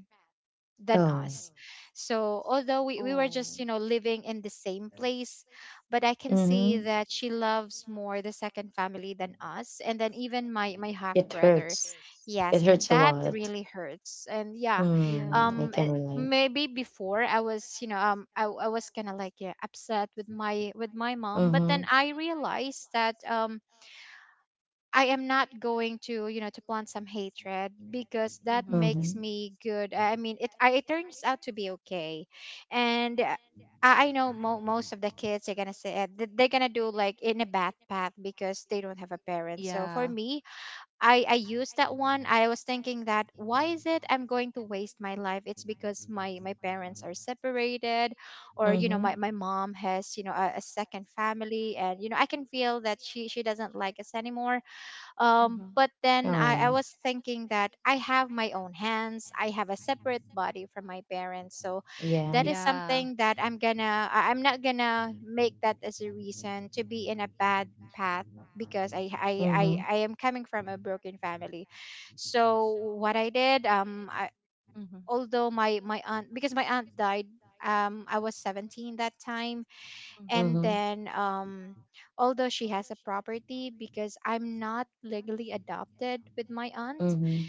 [SPEAKER 1] than
[SPEAKER 2] oh,
[SPEAKER 1] us. So although we were
[SPEAKER 3] Oh.
[SPEAKER 1] just, you know, living in the same place, but I can see
[SPEAKER 2] mm-hmm.
[SPEAKER 1] that she loves more the second family than us. And then even my half
[SPEAKER 2] It
[SPEAKER 1] brother.
[SPEAKER 2] hurts. It
[SPEAKER 1] Yes,
[SPEAKER 2] hurts a
[SPEAKER 1] that
[SPEAKER 2] lot.
[SPEAKER 1] really hurts. And yeah,
[SPEAKER 2] Mm, I
[SPEAKER 1] um eh,
[SPEAKER 2] can relate.
[SPEAKER 1] maybe before I was, you know, I was kinda like yeah, upset with my mom. But then
[SPEAKER 2] Mm-hmm,
[SPEAKER 1] I realized that I am not going to, you know, to plant some hatred, because that makes
[SPEAKER 2] mm-hmm,
[SPEAKER 1] me good. I mean, it I, it turns out to be okay, and I know most of the kids are gonna say they're gonna do like in a bad path because they don't have a parent. So for me, I used that one. I was thinking that, why is it I'm going to waste my life? It's because my parents are separated, or you know, my
[SPEAKER 2] mm-hmm.
[SPEAKER 1] my mom has you know a second family, and you know I can feel that she doesn't like us anymore.
[SPEAKER 3] Choice.
[SPEAKER 1] But then I
[SPEAKER 2] Oh,
[SPEAKER 1] was thinking that I have my own hands, I have a separate body from my parents. So that
[SPEAKER 2] yeah.
[SPEAKER 1] is something that I'm not gonna make that as a reason to be in a bad path, because I, I i
[SPEAKER 2] Mm-hmm,
[SPEAKER 1] i am coming from a broken family. So what I did, I, although my aunt, because my aunt died I was 17 that time, and
[SPEAKER 2] mm-hmm,
[SPEAKER 1] then although she has a property, because I'm not legally adopted with my aunt,
[SPEAKER 2] mm-hmm,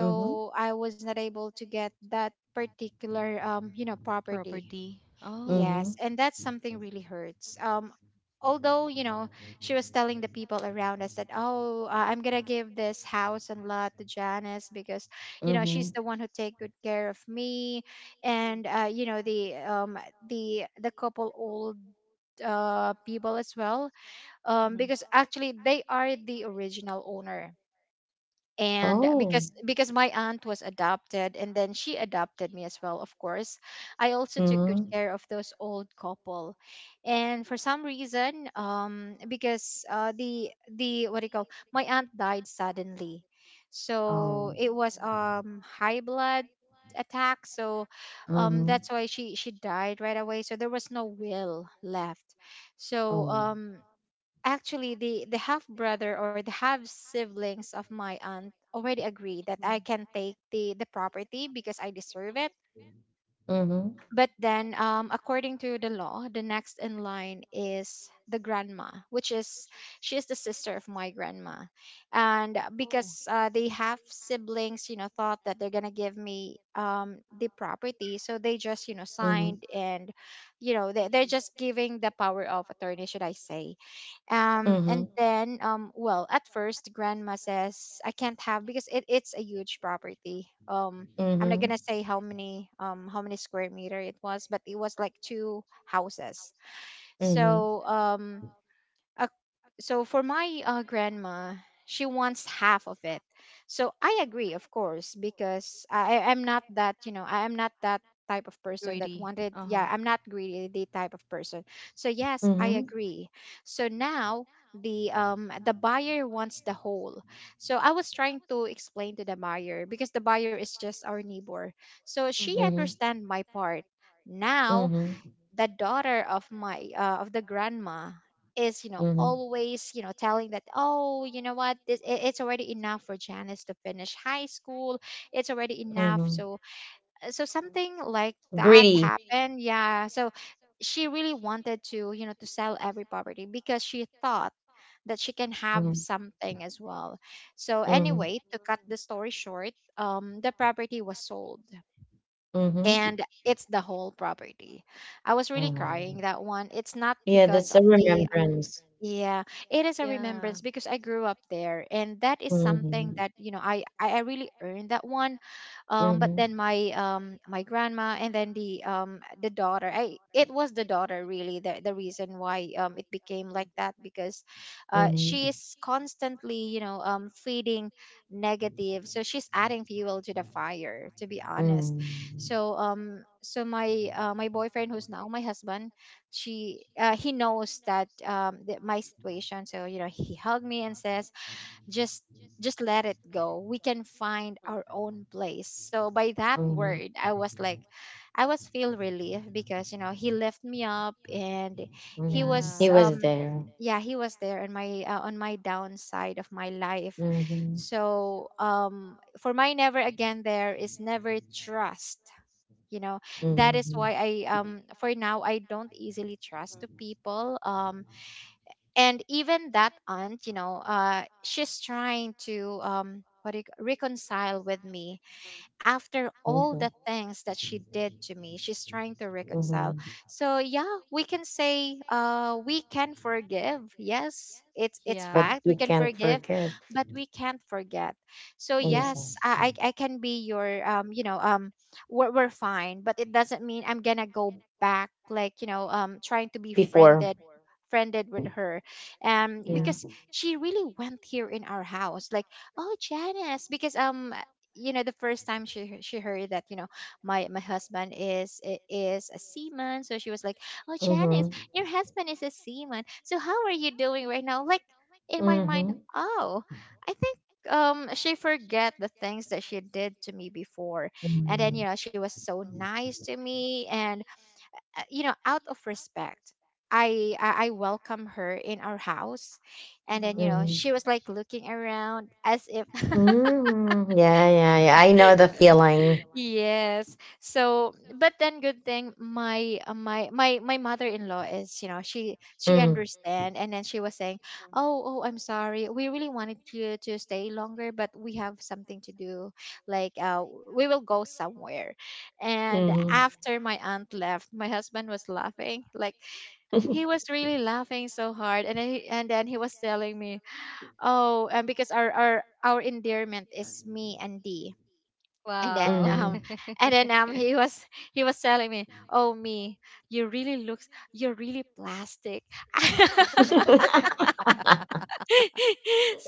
[SPEAKER 2] mm-hmm,
[SPEAKER 1] I was not able to get that particular you know property.
[SPEAKER 3] Property. Oh.
[SPEAKER 2] mm-hmm,
[SPEAKER 1] Yes, and that's something really hurts. Although, you know, she was telling the people around us that, oh, I'm gonna give this house and lot to Janice because, you know,
[SPEAKER 2] mm-hmm.
[SPEAKER 1] she's the one who take good care of me, and you know, the couple, old people as well, because actually they are the original owner. And
[SPEAKER 2] Oh,
[SPEAKER 1] because my aunt was adopted and then she adopted me as well, of course. I also took good
[SPEAKER 2] mm-hmm.
[SPEAKER 1] care of those old couple. And for some reason, because the what do you call my aunt died suddenly, so
[SPEAKER 2] Oh.
[SPEAKER 1] it was high blood attack. So
[SPEAKER 2] Mhm.
[SPEAKER 1] that's why she died right away, so there was no will left. so
[SPEAKER 2] Oh.
[SPEAKER 1] um actually, the half brother or the half siblings of my aunt already agreed that I can take the property because I deserve it.
[SPEAKER 2] Mhm.
[SPEAKER 1] But then, according to the law, the next in line is the grandma, which is, she is the sister of my grandma. And because they have siblings, you know, thought that they're gonna give me, the property, so they just, you know,
[SPEAKER 2] Mhm.
[SPEAKER 1] signed, and, you
[SPEAKER 3] Course.
[SPEAKER 1] know, they're just giving the power of attorney, should I say? And
[SPEAKER 2] Mhm.
[SPEAKER 1] then, well, at first, grandma says I can't have because it's a huge property. I'm not
[SPEAKER 2] Mhm.
[SPEAKER 1] gonna say how many, how many square meter it was, but it was like two houses.
[SPEAKER 2] Mhm.
[SPEAKER 1] So um uh, so for my grandma, she wants half of it. So I agree, of course, because I am not that, you know, I am not that type of person that
[SPEAKER 3] Security.
[SPEAKER 1] wanted.
[SPEAKER 3] Person. Uh huh.
[SPEAKER 1] Yeah, I'm not greedy type of person. So yes, I
[SPEAKER 2] Mhm.
[SPEAKER 1] agree. So now the buyer wants the whole. So I was trying to explain to the buyer because the buyer is just our neighbor. So she
[SPEAKER 2] Mhm.
[SPEAKER 1] understand my part. Now
[SPEAKER 2] Mhm.
[SPEAKER 1] the daughter of my of the grandma is, you know,
[SPEAKER 2] Mhm.
[SPEAKER 1] always, you know, telling that, oh, you know what, it's already enough for Janice to finish high school. It's already enough.
[SPEAKER 2] Mhm.
[SPEAKER 1] So, so something like that
[SPEAKER 2] Gritty.
[SPEAKER 1] happened, yeah. So she really wanted to, you know, to sell every property because she thought that she can have
[SPEAKER 2] Mhm.
[SPEAKER 1] something as well. So
[SPEAKER 2] Mhm.
[SPEAKER 1] anyway, to cut the story short, the property was sold,
[SPEAKER 2] Mhm.
[SPEAKER 1] and it's the whole property. I was really
[SPEAKER 2] Oh my
[SPEAKER 1] crying
[SPEAKER 2] God.
[SPEAKER 1] that one. It's not
[SPEAKER 2] Yeah,
[SPEAKER 1] because
[SPEAKER 2] that's a
[SPEAKER 1] of the,
[SPEAKER 2] remembrance.
[SPEAKER 1] yeah, it is a remembrance because I grew up there, and that is something
[SPEAKER 2] Mhm.
[SPEAKER 1] that, you know, I really earned that one. But
[SPEAKER 2] Mhm.
[SPEAKER 1] then my my grandma and then the daughter, I, it was the daughter really the reason why it became like that, because she
[SPEAKER 2] Mhm.
[SPEAKER 1] is constantly, you know, feeding negative, so she's adding fuel to the fire, to be honest.
[SPEAKER 2] Mhm.
[SPEAKER 1] So my my boyfriend who's now my husband, she he knows that that my situation, so you know, he hugged me and says, just just let it go, we can find our own place. So by that
[SPEAKER 2] Mhm.
[SPEAKER 1] word, I was like, I was feel relief because, you know, he lifted me up. And he
[SPEAKER 2] Mhm.
[SPEAKER 1] was
[SPEAKER 2] He was there.
[SPEAKER 1] yeah, he was there on my downside of my life.
[SPEAKER 2] Mhm.
[SPEAKER 1] So for my, never again, there is never trust, you know. That is why
[SPEAKER 2] Mhm.
[SPEAKER 1] I, for now, I don't easily trust to people. And even that aunt, you know, she's trying to, what do you, c- reconcile with me. After all the
[SPEAKER 2] Mhm.
[SPEAKER 1] things that she did to me, she's trying to reconcile.
[SPEAKER 2] Mhm.
[SPEAKER 1] So yeah, we can say, we can forgive. Yes, it's
[SPEAKER 2] But
[SPEAKER 1] fact, we
[SPEAKER 2] you
[SPEAKER 1] can
[SPEAKER 2] can't
[SPEAKER 1] forgive,
[SPEAKER 2] forget.
[SPEAKER 1] but we can't forget. So yes,
[SPEAKER 2] Exactly.
[SPEAKER 1] I can be your we're fine, but it doesn't mean I'm gonna go back, like, you know, trying to be
[SPEAKER 2] Before.
[SPEAKER 1] friended with her. Because
[SPEAKER 2] Mm.
[SPEAKER 1] she really went here in our house. Like, oh, Janice, because, you know, the first time she heard that, you know, my husband is is a seaman. So she was like, oh, Janice,
[SPEAKER 2] Mhm.
[SPEAKER 1] your husband is a seaman, so how are you doing right now? Like, in my mind,
[SPEAKER 2] Mhm.
[SPEAKER 1] oh, I think, she forget the things that she did to me before. And then, you
[SPEAKER 2] Mhm.
[SPEAKER 1] know, she was so nice to me. And you know, out of respect, I welcome her in our house. And then, you know,
[SPEAKER 2] Mhm.
[SPEAKER 1] she was like looking around as if.
[SPEAKER 2] Mhm. Yeah, yeah, yeah. I know the feeling.
[SPEAKER 1] Yes. So, but then good thing my my mother-in-law is, you know, she
[SPEAKER 2] Mhm.
[SPEAKER 1] understand. And then she was saying, "Oh, oh, I'm sorry. We really wanted you to stay longer, but we have something to do. Like, we will go somewhere." And
[SPEAKER 2] Mhm.
[SPEAKER 1] after my aunt left, my husband was laughing. Like, he was really laughing so hard. And then he was telling me, "Oh, and because our endearment is me and Dee. and
[SPEAKER 3] Wow.
[SPEAKER 1] then um
[SPEAKER 2] Mhm.
[SPEAKER 1] and then um he was, he was telling me, oh, me, you really looks, you're really plastic." So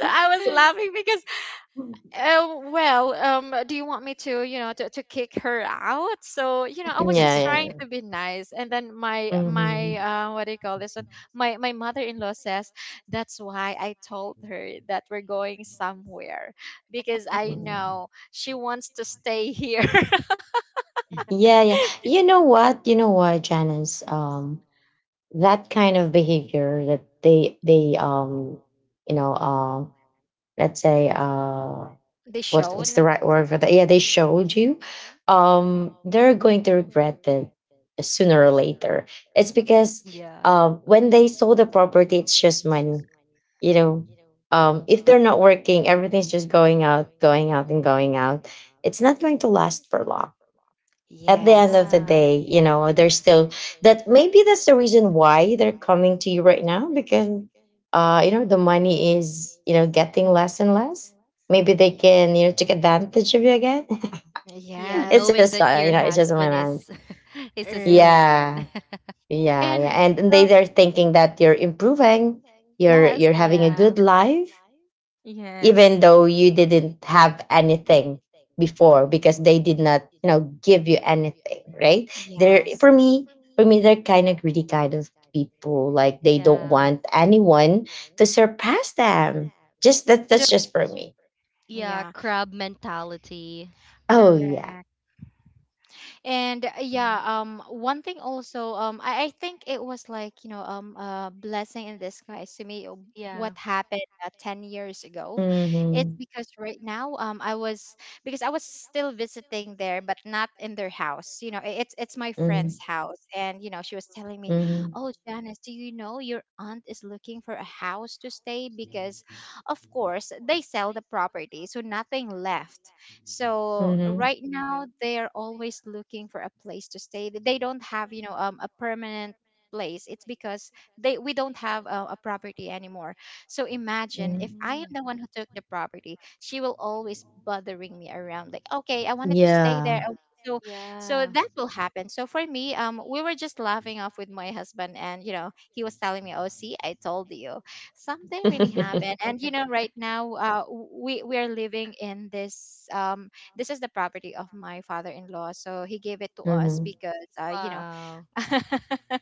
[SPEAKER 1] I was laughing because, oh well, do you want me to, you know, to kick her out? So, you know, I was
[SPEAKER 2] Yeah,
[SPEAKER 1] just trying
[SPEAKER 2] yeah.
[SPEAKER 1] to be nice. And then my
[SPEAKER 2] Mhm.
[SPEAKER 1] what do you call this one my my mother-in-law says, that's why I told her that we're going somewhere, because I
[SPEAKER 2] Mhm.
[SPEAKER 1] know she wants to stay here.
[SPEAKER 2] Yeah, yeah. You know what? You know what, Janice? That kind of behavior that they you know, let's say
[SPEAKER 1] They
[SPEAKER 2] what, what's
[SPEAKER 1] shown.
[SPEAKER 2] the right word for that? Yeah, they showed you. They're going to regret it sooner or later. It's because when they sold the property, it's just money. You know, if they're not working, everything's just going out, and going out. It's not going to last for long. At the end
[SPEAKER 1] Yes.
[SPEAKER 2] of the day, you know, they're still that maybe that's the reason why they're coming to you right now because you know, the money is, getting less and less. Maybe they
[SPEAKER 1] y-
[SPEAKER 2] can, take advantage of you again.
[SPEAKER 3] Yeah.
[SPEAKER 2] it's
[SPEAKER 1] Yes.
[SPEAKER 2] just you know, it's just in my mind.
[SPEAKER 3] Is a
[SPEAKER 1] Er,
[SPEAKER 3] seaman.
[SPEAKER 2] Yeah. Yeah, yeah.
[SPEAKER 1] and
[SPEAKER 2] And
[SPEAKER 1] um
[SPEAKER 2] they're thinking that you're improving,
[SPEAKER 1] yes.
[SPEAKER 2] you're having a good life even
[SPEAKER 1] Yes.
[SPEAKER 2] though you didn't have anything before because they did not you know give you anything, right? They're,
[SPEAKER 1] Yes.
[SPEAKER 2] for me, for me, they're kind of greedy kind of people. Like they don't want anyone to surpass them. Just that, that's just for me.
[SPEAKER 3] Yeah,
[SPEAKER 1] Yeah,
[SPEAKER 3] crab mentality.
[SPEAKER 2] Oh yeah.
[SPEAKER 1] correct. And yeah, one thing also, I think it was like, you know, a blessing in disguise to me, what happened 10 years ago. It's
[SPEAKER 2] Hmm.
[SPEAKER 1] because right now, I was, because I was still visiting there but not in their house, you know, it's my friend's
[SPEAKER 2] Hmm.
[SPEAKER 1] house. And you know, she was telling me,
[SPEAKER 2] Hmm.
[SPEAKER 1] oh, Janice, do you know your aunt is looking for a house to stay? Because of course they sell the property, so nothing left. So
[SPEAKER 2] Hmm.
[SPEAKER 1] right now they are always looking for a place to stay. They don't have, you know, a permanent place. It's because they, we don't have a property anymore. So imagine if
[SPEAKER 2] Hmm.
[SPEAKER 1] I am the one who took the property, she will always bothering me around like, "Okay, I wanted to stay there."
[SPEAKER 2] Yeah.
[SPEAKER 1] Oh, so,
[SPEAKER 3] Yeah.
[SPEAKER 1] so that will happen. So for me, we were just laughing off with my husband. And you know, he was telling me, "Oh, see, I told you." Something really happened. And you know, right now we are living in this, this is the property of my father-in-law. So he gave it to us
[SPEAKER 2] Hmm.
[SPEAKER 1] because, you know,
[SPEAKER 3] Wow.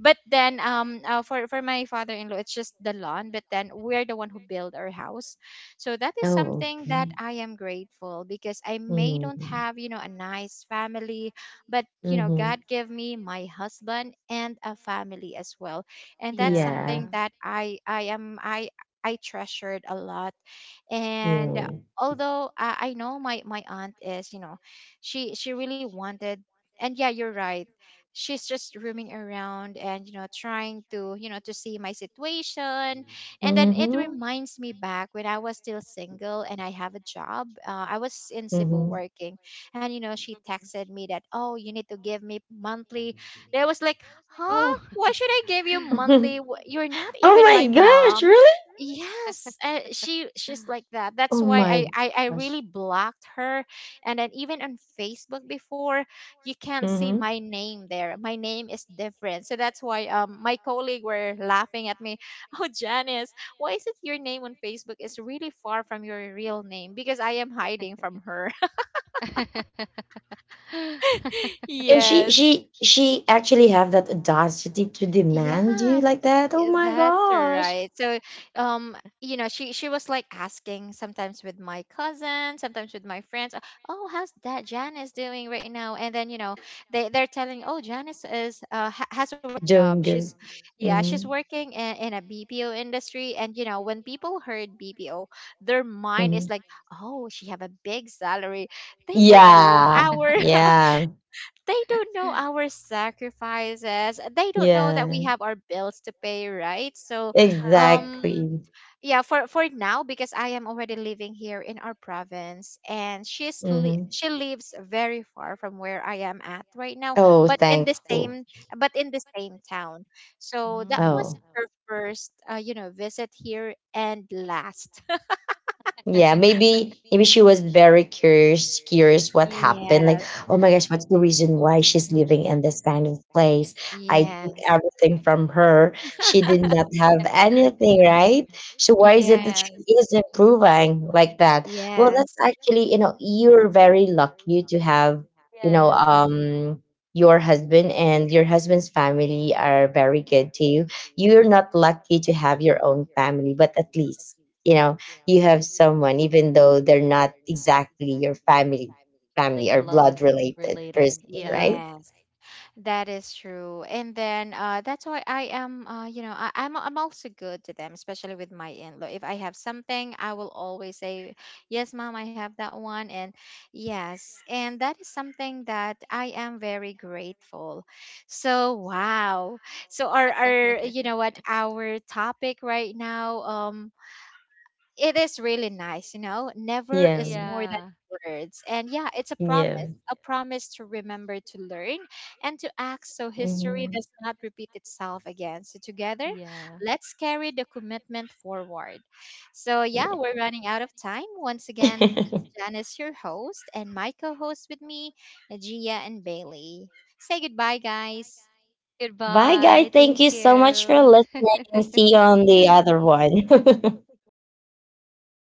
[SPEAKER 1] but then for my father-in-law, it's just the lawn, but then we're the one who build our house. So that is
[SPEAKER 2] Oh,
[SPEAKER 1] something that
[SPEAKER 2] okay.
[SPEAKER 1] I am grateful, because I may don't
[SPEAKER 2] Hmm.
[SPEAKER 1] have, you know, a nice family, but you know,
[SPEAKER 2] Hmm.
[SPEAKER 1] God gave me my husband and a family as well. And that's
[SPEAKER 2] Yeah,
[SPEAKER 3] Yeah.
[SPEAKER 1] something that I am I treasured a lot. And
[SPEAKER 2] yeah.
[SPEAKER 1] although, I know my my aunt is, you know, she really wanted. And yeah, you're right, she's just roaming around and, you know, trying to, you know, to see my situation. And then it
[SPEAKER 2] mm-hmm.
[SPEAKER 1] reminds me back when I was still single and I have a job. I was in Cebu working. And you know, she texted me that, oh, you need to give me monthly. And I was like,
[SPEAKER 3] Oh.
[SPEAKER 1] huh, why should I give you
[SPEAKER 2] Oh
[SPEAKER 1] monthly? You're not even my
[SPEAKER 2] my gosh,
[SPEAKER 1] mom.
[SPEAKER 2] really?
[SPEAKER 1] Yes, she's like that. That's
[SPEAKER 2] Oh
[SPEAKER 1] why I,
[SPEAKER 2] my
[SPEAKER 1] I i really
[SPEAKER 2] gosh.
[SPEAKER 1] blocked her. And then even on Facebook before, you can't see
[SPEAKER 2] Hmm.
[SPEAKER 1] my name there. My name is different. So that's why, my colleague were laughing at me. Oh, Janice, why is it your name on Facebook is really far from your real name? Because I am hiding from her.
[SPEAKER 2] And she
[SPEAKER 1] Yes.
[SPEAKER 2] she she actually have that audacity to demand you
[SPEAKER 1] Yes,
[SPEAKER 2] like that. Oh
[SPEAKER 1] yeah,
[SPEAKER 2] my
[SPEAKER 1] that's
[SPEAKER 2] gosh,
[SPEAKER 1] right. So, you know, she was like asking sometimes with my cousin, sometimes with my friends, "Oh, how's that Janice doing right now?" And then, you know, they're telling, "Oh, Janice is ha has a
[SPEAKER 2] doing
[SPEAKER 1] job.
[SPEAKER 2] good.
[SPEAKER 1] She's, yeah,
[SPEAKER 2] Hmm.
[SPEAKER 1] she's working in a BPO industry." And you know, when people heard BPO, their mind
[SPEAKER 2] Hmm.
[SPEAKER 1] is like, "Oh, she have a big salary." They don't
[SPEAKER 3] Yeah.
[SPEAKER 1] know
[SPEAKER 2] Yeah,
[SPEAKER 1] our,
[SPEAKER 2] yeah,
[SPEAKER 1] they don't know our sacrifices. They don't know that we
[SPEAKER 2] yeah.
[SPEAKER 1] have our bills to pay, right? So, um,
[SPEAKER 2] Exactly.
[SPEAKER 1] yeah, for now, because I am already living here in our province, and she's
[SPEAKER 2] Hmm.
[SPEAKER 1] she lives very far from where I am at right now,
[SPEAKER 2] Oh,
[SPEAKER 1] but in the
[SPEAKER 2] thankful.
[SPEAKER 1] same, but in the same town. So that was
[SPEAKER 2] Oh.
[SPEAKER 1] her first, you know, visit here and last.
[SPEAKER 2] Yeah, maybe maybe she was very curious what happened. Like,
[SPEAKER 1] Yes,
[SPEAKER 2] oh my gosh, what's the reason why she's living in this kind of place? I took
[SPEAKER 1] yes.
[SPEAKER 2] everything from her. She did not have anything, right? So why is it that
[SPEAKER 1] Yes,
[SPEAKER 2] she is improving like that? Well, that's
[SPEAKER 1] yes,
[SPEAKER 2] actually, you're very lucky to have, you know, um your husband and your husband's family are very good to you. You're not lucky to have your own family, but at least you know you have someone, even though they're not exactly your family,
[SPEAKER 3] Like
[SPEAKER 2] family or
[SPEAKER 3] blood
[SPEAKER 2] blood related
[SPEAKER 3] related.
[SPEAKER 2] person,
[SPEAKER 3] Yeah.
[SPEAKER 2] right?
[SPEAKER 1] yes. That is true. And then that's why I am, you know, I'm also good to them, especially with my in-law. If I have something, I will always say, "Yes, mom, I have that one," and yes, and that is something that I am very grateful. So wow. So our, you know what, our topic right now, it is really nice, you know. Never is
[SPEAKER 2] Yeah,
[SPEAKER 1] more than words. And yeah, it's
[SPEAKER 2] yeah.
[SPEAKER 1] a promise to remember, to learn, and to act, so history
[SPEAKER 2] Hmm.
[SPEAKER 1] does not repeat itself again. So together, let's carry the commitment forward. So yeah,
[SPEAKER 2] Yeah.
[SPEAKER 1] we're running out of time. Once again, this is Janice, your host, and my co-host with me, Gia and Bailey. Say goodbye, guys.
[SPEAKER 2] Bye,
[SPEAKER 3] Goodbye.
[SPEAKER 2] guys.
[SPEAKER 3] Thank
[SPEAKER 2] Thank you so much
[SPEAKER 3] you.
[SPEAKER 2] for listening. See you on the other one.
[SPEAKER 3] Thank